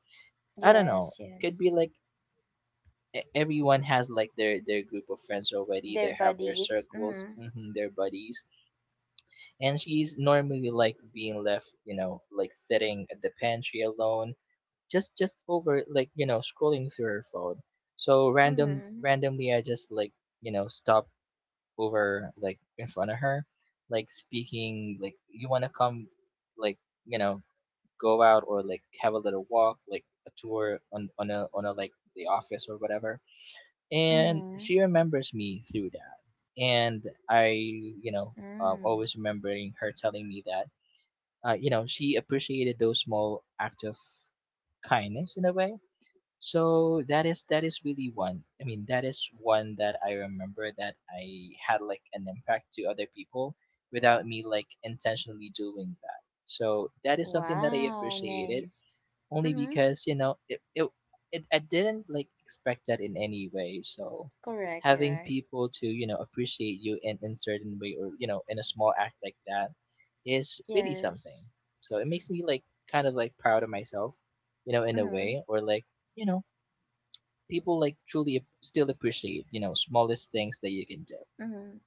B: I don't
A: Yes,
B: know. Could
A: yes.
B: be like e- everyone has like their their group of friends already.
A: Their
B: They have their
A: buddies.
B: circles,
A: Mm-hmm.
B: hmm, their buddies, and she's normally like being left, you know, like sitting at the pantry alone, just just over like you know scrolling through her phone. So random
A: Mm-hmm.
B: randomly, I just like you know stop over like in front of her, like speaking like you want to come, like you know go out or like have a little walk, like a tour on on a on a like the office or whatever, and
A: Mm-hmm.
B: she remembers me through that, and I you know uh,
A: Mm-hmm.
B: always remembering her telling me that uh, you know she appreciated those small act of kindness in a way. So that is that is really one. I mean, that is one that I remember that I had like an impact to other people without me like intentionally doing that. So that is something that I
A: Wow,
B: appreciated
A: nice.
B: only
A: Mm-hmm.
B: because you know it it, it I didn't like expect that in any way. So
A: Correct,
B: having
A: correct.
B: people to you know appreciate you in in certain way or you know in a small act like that is really something.
A: Yes.
B: So it makes me like kind of like proud of myself, you know, in a
A: Mm-hmm.
B: way or like you know people like truly ap- still appreciate you know smallest things that you can do.
A: Mm-hmm.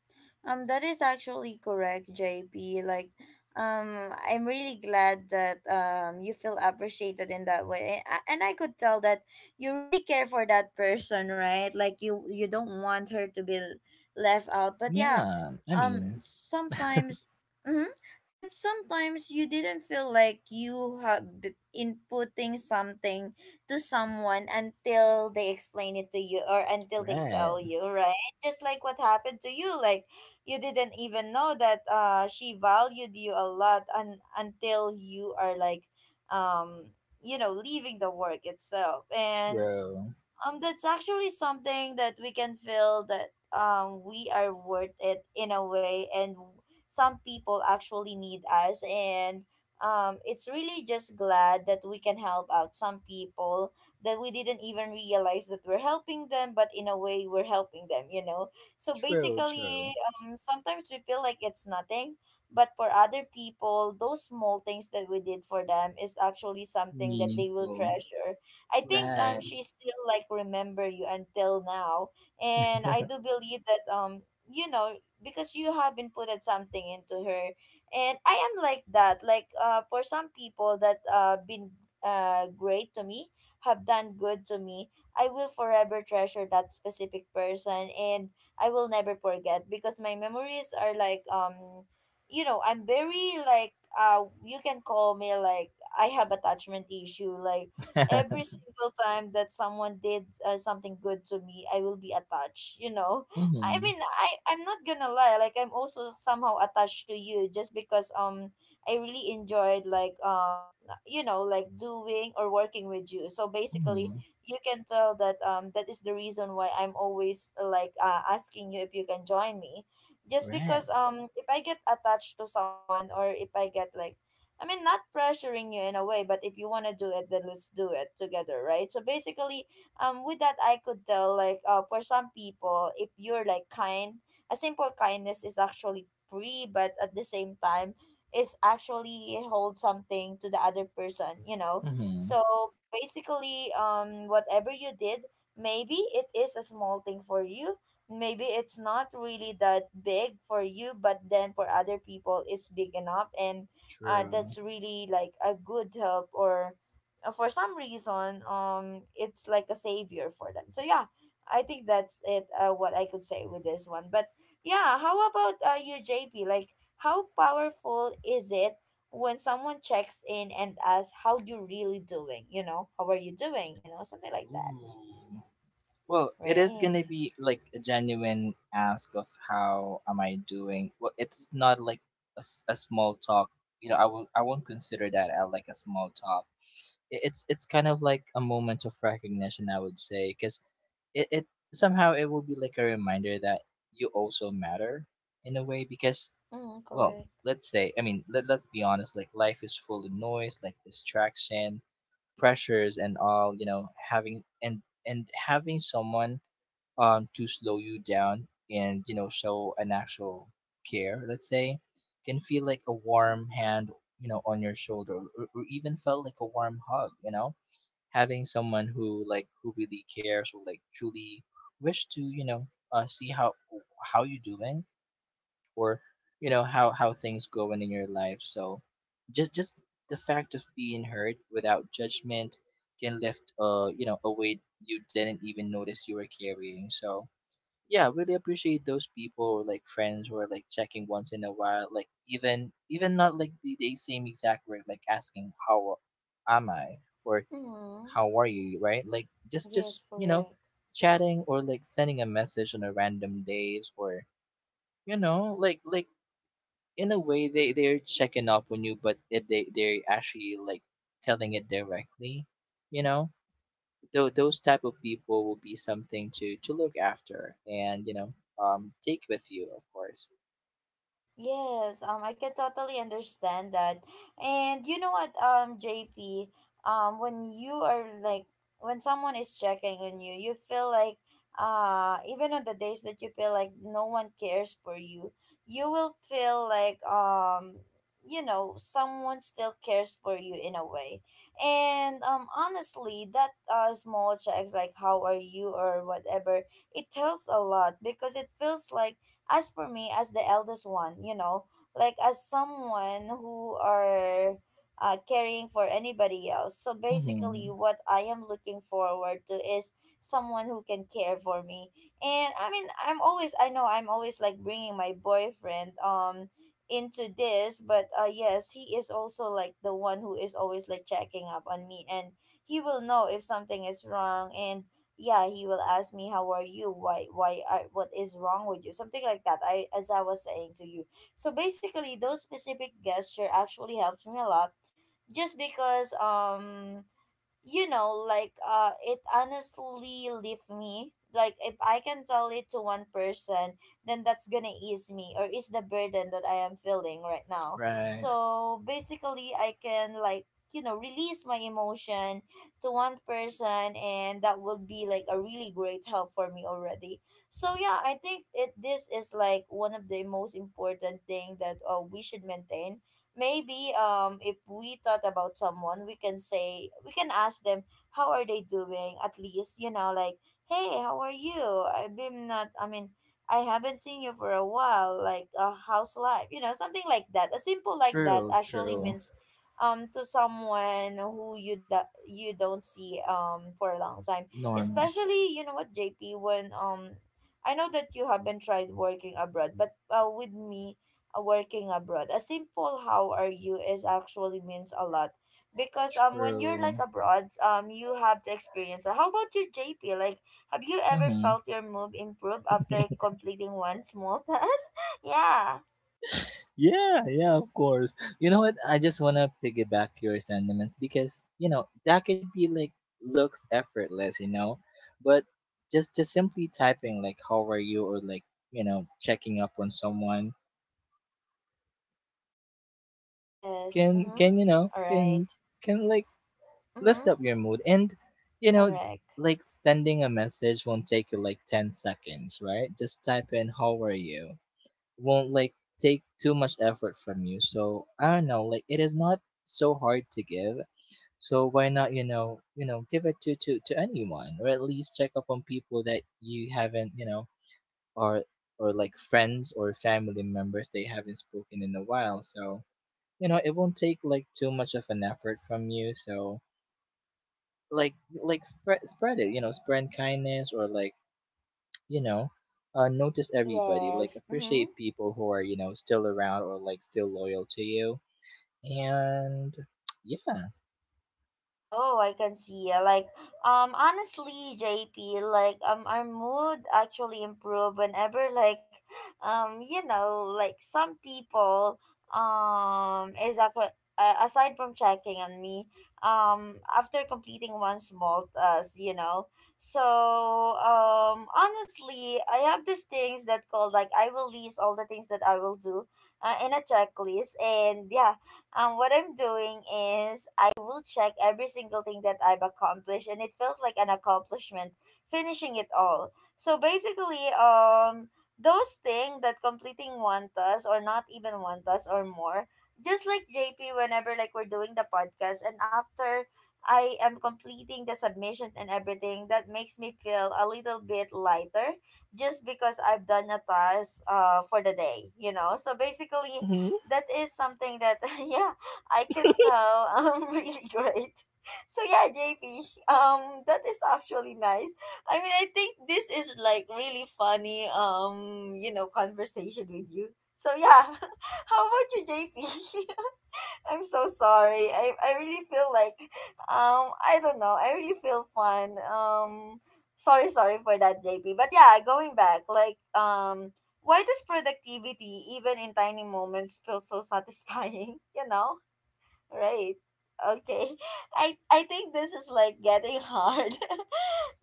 A: Um, that is actually correct, J P. Like, um, I'm really glad that um you feel appreciated in that way. A- and I could tell that you really care for that person, right? Like you you don't want her to be l- left out. But yeah,
B: Yeah, I
A: um,
B: mean,
A: sometimes, mm-hmm, but sometimes you didn't feel like you have b- inputting something to someone until they explain it to you or until they tell
B: right,
A: you, right? Just like what happened to you, like you didn't even know that uh she valued you a lot un- until you are like um you know leaving the work itself. And
B: true,
A: um, that's actually something that we can feel that um we are worth it in a way, and some people actually need us, and um, it's really just glad that we can help out some people that we didn't even realize that we're helping them, but in a way we're helping them, you know. So
B: true,
A: basically,
B: true,
A: um, sometimes we feel like it's nothing, but for other people, those small things that we did for them is actually something that they will
B: meaningful,
A: treasure. I think um
B: right,
A: she still like remember you until now, and I do believe that um you know because you have inputted something into her. And I am like that. Like uh for some people that uh been uh great to me, have done good to me, I will forever treasure that specific person, and I will never forget, because my memories are like um you know, I'm very like, uh you can call me like I have attachment issue. Like every single time that someone did uh, something good to me, I will be attached you know I
B: mm-hmm,
A: mean, i i'm not gonna lie, like I'm also somehow attached to you, just because um I really enjoyed like um you know like doing or working with you. So basically
B: mm-hmm,
A: you can tell that um that is the reason why I'm always uh, like uh, asking you if you can join me, just
B: right,
A: because um if I get attached to someone or if I get like, I mean, not pressuring you in a way, but if you want to do it, then let's do it together, right? So basically, um, with that, I could tell, like, uh, for some people, if you're like kind, a simple kindness is actually free, but at the same time, is actually hold something to the other person, you know?
B: mm-hmm,
A: So basically, um, whatever you did, maybe it is a small thing for you. Maybe it's not really that big for you, but then for other people, it's big enough. And uh,
B: true.
A: that's really like a good help, or uh, for some reason um it's like a savior for them. So yeah, I think that's it, uh, what I could say with this one. But yeah, how about uh, you, JP? Like, how powerful is it when someone checks in and asks how you really doing you know how are you doing you know something like that?
B: Ooh. Well, it is gonna
A: Right.
B: be like a genuine ask of how am I doing. Well, it's not like a, s- a small talk. You know, I will I won't consider that as like a small talk. I- It's it's kind of like a moment of recognition, I would say, because it, it somehow it will be like a reminder that you also matter in a way. Because
A: Mm,
B: well,
A: correct.
B: let's say, I mean, let, let's be honest, like life is full of noise, like distraction, pressures, and all. You know, having and and having someone um, to slow you down and you know show an actual care, let's say, can feel like a warm hand, you know, on your shoulder, or, or even felt like a warm hug, you know, having someone who like who really cares or like truly wish to you know uh, see how how you doing or you know how how things going in your life. So just just the fact of being heard without judgment can lift uh you know a weight you didn't even notice you were carrying. So yeah, really appreciate those people or like friends who are like checking once in a while, like even even not like the, the same exact word, like asking how am I or
A: Mm,
B: how are you, right? Like just just
A: yes,
B: you know
A: correct.
B: chatting or like sending a message on a random days or you know like like in a way they they're checking up on you but it, they they're actually like telling it directly, you know. Tho- those type of people will be something to to look after and you know um take with you, of course.
A: Yes, um, I can totally understand that. And you know what, um, J P, um, when you are like, when someone is checking on you, you feel like, uh, even on the days that you feel like no one cares for you, you will feel like, um, you know, someone still cares for you in a way. And, um, honestly, that, uh, small checks, like how are you or whatever, it helps a lot, because it feels like, as for me, as the eldest one, you know, like as someone who are uh, caring for anybody else, so basically
B: Mm-hmm.
A: what I am looking forward to is someone who can care for me. And i mean i'm always i know I'm always like bringing my boyfriend um into this, but uh yes, he is also like the one who is always like checking up on me. And he will know if something is wrong, and yeah, he will ask me, how are you, why why are what is wrong with you, something like that, I as I was saying to you. So basically those specific gesture actually helps me a lot, just because um you know, like uh it honestly leave me. Like if I can tell it to one person, then that's gonna ease me, or ease the burden that I am feeling right now.
B: Right,
A: So basically I can like, you know, release my emotion to one person, and that would be like a really great help for me already. So yeah, I think it this is like one of the most important thing that uh, we should maintain. Maybe um if we thought about someone, we can say, we can ask them, how are they doing, at least, you know, like, hey, how are you, I've been not I mean I haven't seen you for a while, like, uh, how's life, you know, something like that. A simple like that
B: true,
A: actually
B: true,
A: means um to someone who you that you don't see um for a long time.
B: normal,
A: Especially, you know what, JP, when um I know that you haven't tried working abroad, but uh, with me, uh, working abroad, a simple how are you is actually means a lot, because um when you're like
B: true,
A: abroad, um you have to experience it. How about you, J P? Like, have you ever
B: mm-hmm.
A: felt your move improve after completing one small task? Yeah.
B: Yeah, yeah, of course. You know what? I just want to piggyback your sentiments because, you know, that could be like looks effortless, you know, but just just simply typing like how are you or like, you know, checking up on someone
A: Yes.
B: can
A: Mm-hmm.
B: can you know,
A: All right.
B: can can like lift
A: Mm-hmm.
B: up your mood. And you know,
A: Correct.
B: like sending a message won't take you like ten seconds, right? Just type in how are you won't like take too much effort from you. So I don't know, like it is not so hard to give. So why not, you know, you know give it to to to anyone, or at least check up on people that you haven't, you know, or or like friends or family members they haven't spoken in a while. So you know it won't take like too much of an effort from you. So like like spread spread it, you know, spread kindness or like you know uh notice everybody, like
A: Yes. Mm-hmm.
B: appreciate people who are you know still around or like still loyal to you. And yeah,
A: Oh, I can see. uh, Like, um, honestly, J P, like, um, our mood actually improve whenever, like, um, you know, like some people, um, is ac- uh, aside from checking on me, um, after completing one small task, you know. So, um, honestly, I have these things that called like I will list all the things that I will do, uh, in a checklist, and yeah, um, what I'm doing is I will check every single thing that I've accomplished, and it feels like an accomplishment finishing it all. So basically, um, those things that completing one task or not even one task or more, just like J P, whenever like we're doing the podcast, and after I am completing the submission and everything, that makes me feel a little bit lighter, just because I've done a task uh, for the day, you know. So basically that is something that yeah, I can tell I'm really great. So yeah, JP, um that is actually nice. I mean, I think this is like really funny um you know conversation with you, so yeah. How about you, JP? I'm so sorry. I, I really feel like um I don't know, I really feel fun. Um sorry sorry for that, J P. But yeah, going back, like, um why does productivity, even in tiny moments, feel so satisfying, you know? Right. Okay. I I think this is like getting hard.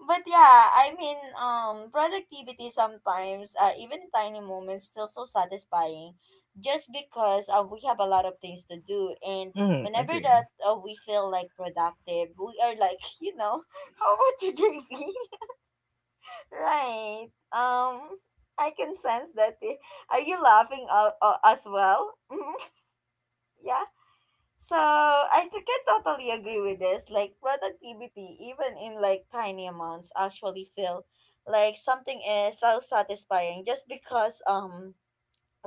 A: But yeah, I mean, um, productivity sometimes, uh, even tiny moments, feel so satisfying, just because uh, we have a lot of things to do, and
B: mm,
A: whenever
B: agree,
A: that uh, we feel like productive, we are like, you know, how about you, J P? Right? Um, I can sense that. eh, Are you laughing uh, uh, as well? Yeah. So I t- can totally agree with this. Like productivity, even in like tiny amounts, actually feel like something is so satisfying, just because um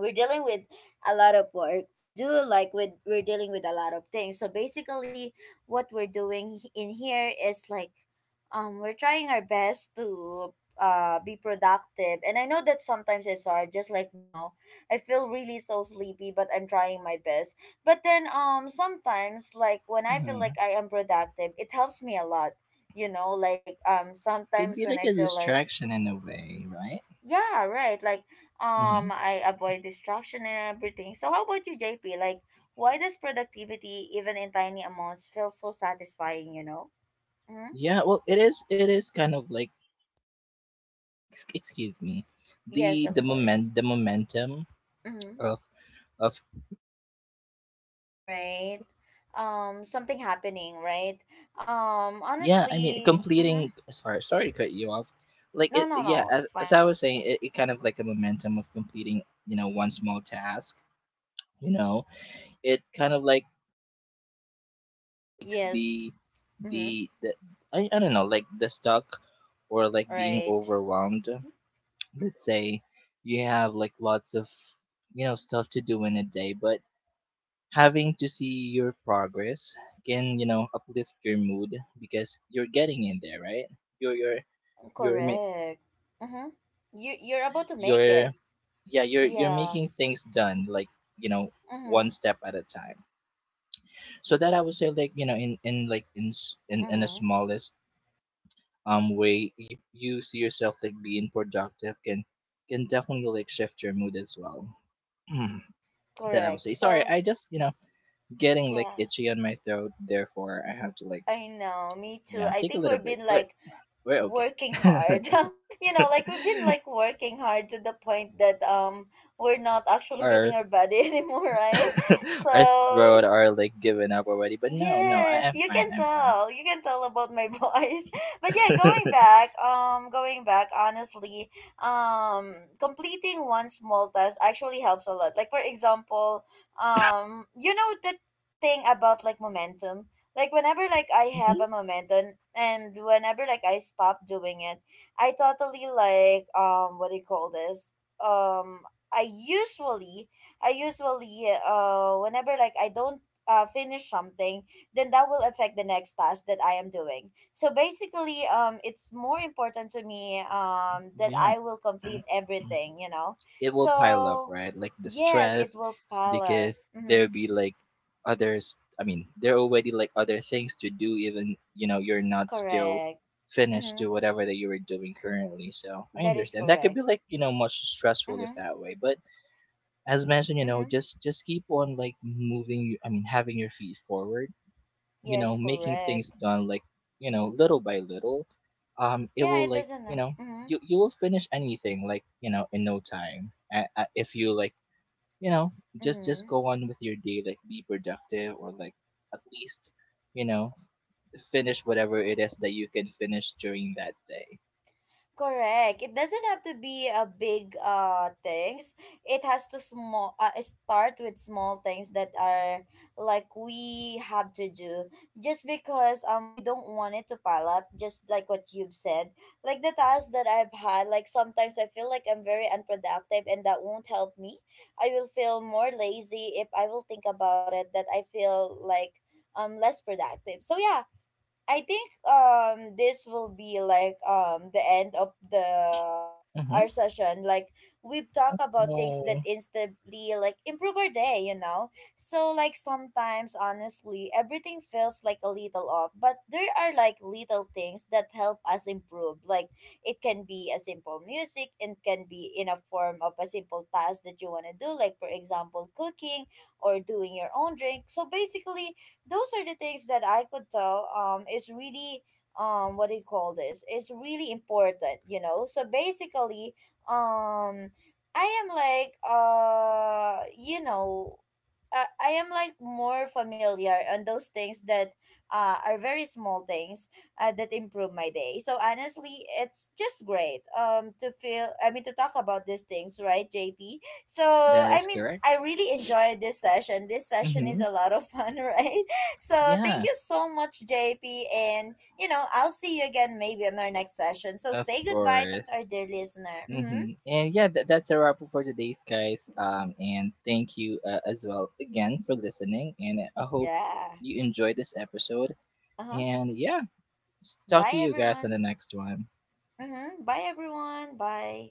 A: we're dealing with a lot of work to do, like with we're dealing with a lot of things. So basically what we're doing h- in here is like um we're trying our best to uh be productive, and I know that sometimes it's hard, just like now, I feel really so sleepy, but I'm trying my best. But then um sometimes like when I feel
B: mm-hmm.
A: like I am productive, it helps me a lot. You know, like um sometimes
B: Could be
A: when I
B: like a
A: feel like,
B: distraction in a way, right?
A: yeah, right. Like,
B: Mm-hmm.
A: um, I avoid distraction and everything. So, how about you, J P? Like, why does productivity, even in tiny amounts, feel so satisfying? You know? Mm-hmm.
B: Yeah, well, it is, it is kind of like ex- excuse me, the
A: Yes,
B: the
A: of course.
B: moment, the momentum
A: Mm-hmm.
B: of of
A: Right. Um, something happening, right? Um,
B: yeah, I mean
A: honestly, mm-hmm,
B: completing, sorry sorry to cut you off. Like
A: no,
B: it,
A: no,
B: yeah,
A: no, it's
B: as, as
A: fine.
B: I was saying, it, it kind of like a momentum of completing you know one small task, you know. It kind of like makes the
A: Yes. Mm-hmm.
B: the, the I, I don't know, like the stuck or like being
A: Right.
B: overwhelmed, let's say you have like lots of you know stuff to do in a day, but having to see your progress can you know uplift your mood because you're getting in there, right? You're you're you're ma-
A: Correct. Mm-hmm. You you're about to make
B: you're
A: it.
B: yeah, you're you're
A: Yeah.
B: making things done, like you know
A: Mm-hmm.
B: one step at a time. So that I would say, like you know in in like in s- in, in the
A: Mm-hmm.
B: smallest um way you, you see yourself like being productive can can definitely like shift your mood as well. Hmm, that I would
A: Correct.
B: say, sorry,
A: So
B: I just, you know, getting like
A: yeah.
B: itchy on my throat therefore I have to like
A: I know, me too.
B: yeah
A: I
B: take a
A: think
B: little
A: we've
B: break,
A: been
B: but
A: like
B: we're
A: working
B: okay.
A: hard. You know, like we've been like working hard to the point that um we're not actually feeling
B: Our
A: our body anymore, right?
B: our
A: So
B: throat are like giving up already, but no no I,
A: yes,
B: I'm
A: you
B: fine,
A: can
B: I'm fine.
A: tell. You can tell about my voice. But yeah, going back, um going back, honestly, um completing one small task actually helps a lot. Like for example, um you know, the thing about like momentum. Like whenever like I have a
B: Mhm.
A: momentum and whenever like I stop doing it, I totally like, um what do you call this? Um I usually I usually uh whenever like I don't uh, finish something, then that will affect the next task that I am doing. So basically, um, it's more important to me um, that
B: Yeah,
A: I will complete everything, you know.
B: it will pile up,
A: So
B: right? Like the
A: yes, it
B: stress,
A: will pile up.
B: because
A: Mm-hmm.
B: there'll be like others. I mean, there are already like other things to do, even you know you're not still
A: Correct.
B: finished
A: Mm-hmm.
B: to whatever that you were doing currently. So I
A: That is
B: understand that could
A: correct.
B: be like you know much stressful if
A: Mm-hmm.
B: that way. But as mentioned, you know,
A: Mm-hmm.
B: just just keep on like moving. you- I mean, having your feet forward, you know,
A: Yes,
B: making things
A: correct.
B: done like you know little by little, um it
A: Yeah,
B: will
A: it
B: like
A: doesn't.
B: you
A: uh,
B: know
A: Mm-hmm.
B: you you will finish anything like you know in no time a- a- if you like you know just just
A: Mm-hmm.
B: go on with your day like be productive or like at least you know f- finish whatever it is that you can finish during that day.
A: Correct. It doesn't have to be a big uh things. It has to small, uh, start with small things that are like we have to do, just because um we don't want it to pile up, just like what you've said. Like the tasks that I've had, like sometimes I feel like I'm very unproductive, and that won't help me. I will feel more lazy if I will think about it, that I feel like um less productive. So yeah, I think um this will be like um the end of the
B: Mm-hmm.
A: our session. Like we've talked about things that
B: Oh,
A: instantly like improve our day, you know? So like sometimes honestly everything feels like a little off, but there are like little things that help us improve. Like it can be a simple music, it can be in a form of a simple task that you wanna do, like for example cooking or doing your own drink. So basically those are the things that I could tell um is really um what do you call this? It's really important, you know. So basically, um I am like uh you know uh, I am like more familiar on those things that uh, are very small things uh, that improve my day. So honestly, it's just great um to feel I mean to talk about these things, right, J P? So
B: that
A: I
B: is
A: mean, I
B: correct.
A: really enjoyed this session. This session is
B: Mm-hmm.
A: a lot of fun, right? So thank
B: Yeah,
A: you so much, J P. And, you know, I'll see you again maybe in our next session. So
B: of
A: say goodbye to our
B: course.
A: dear listener. Mm-hmm.
B: Mm-hmm. And yeah, that, that's a wrap up for today's guys. Um, and thank you uh, as well again for listening. And I hope
A: Yeah.
B: you enjoyed this episode.
A: Uh huh.
B: And yeah, s- talk
A: Bye,
B: to you guys on
A: everyone.
B: the next one.
A: Mm-hmm. Bye, everyone. Bye.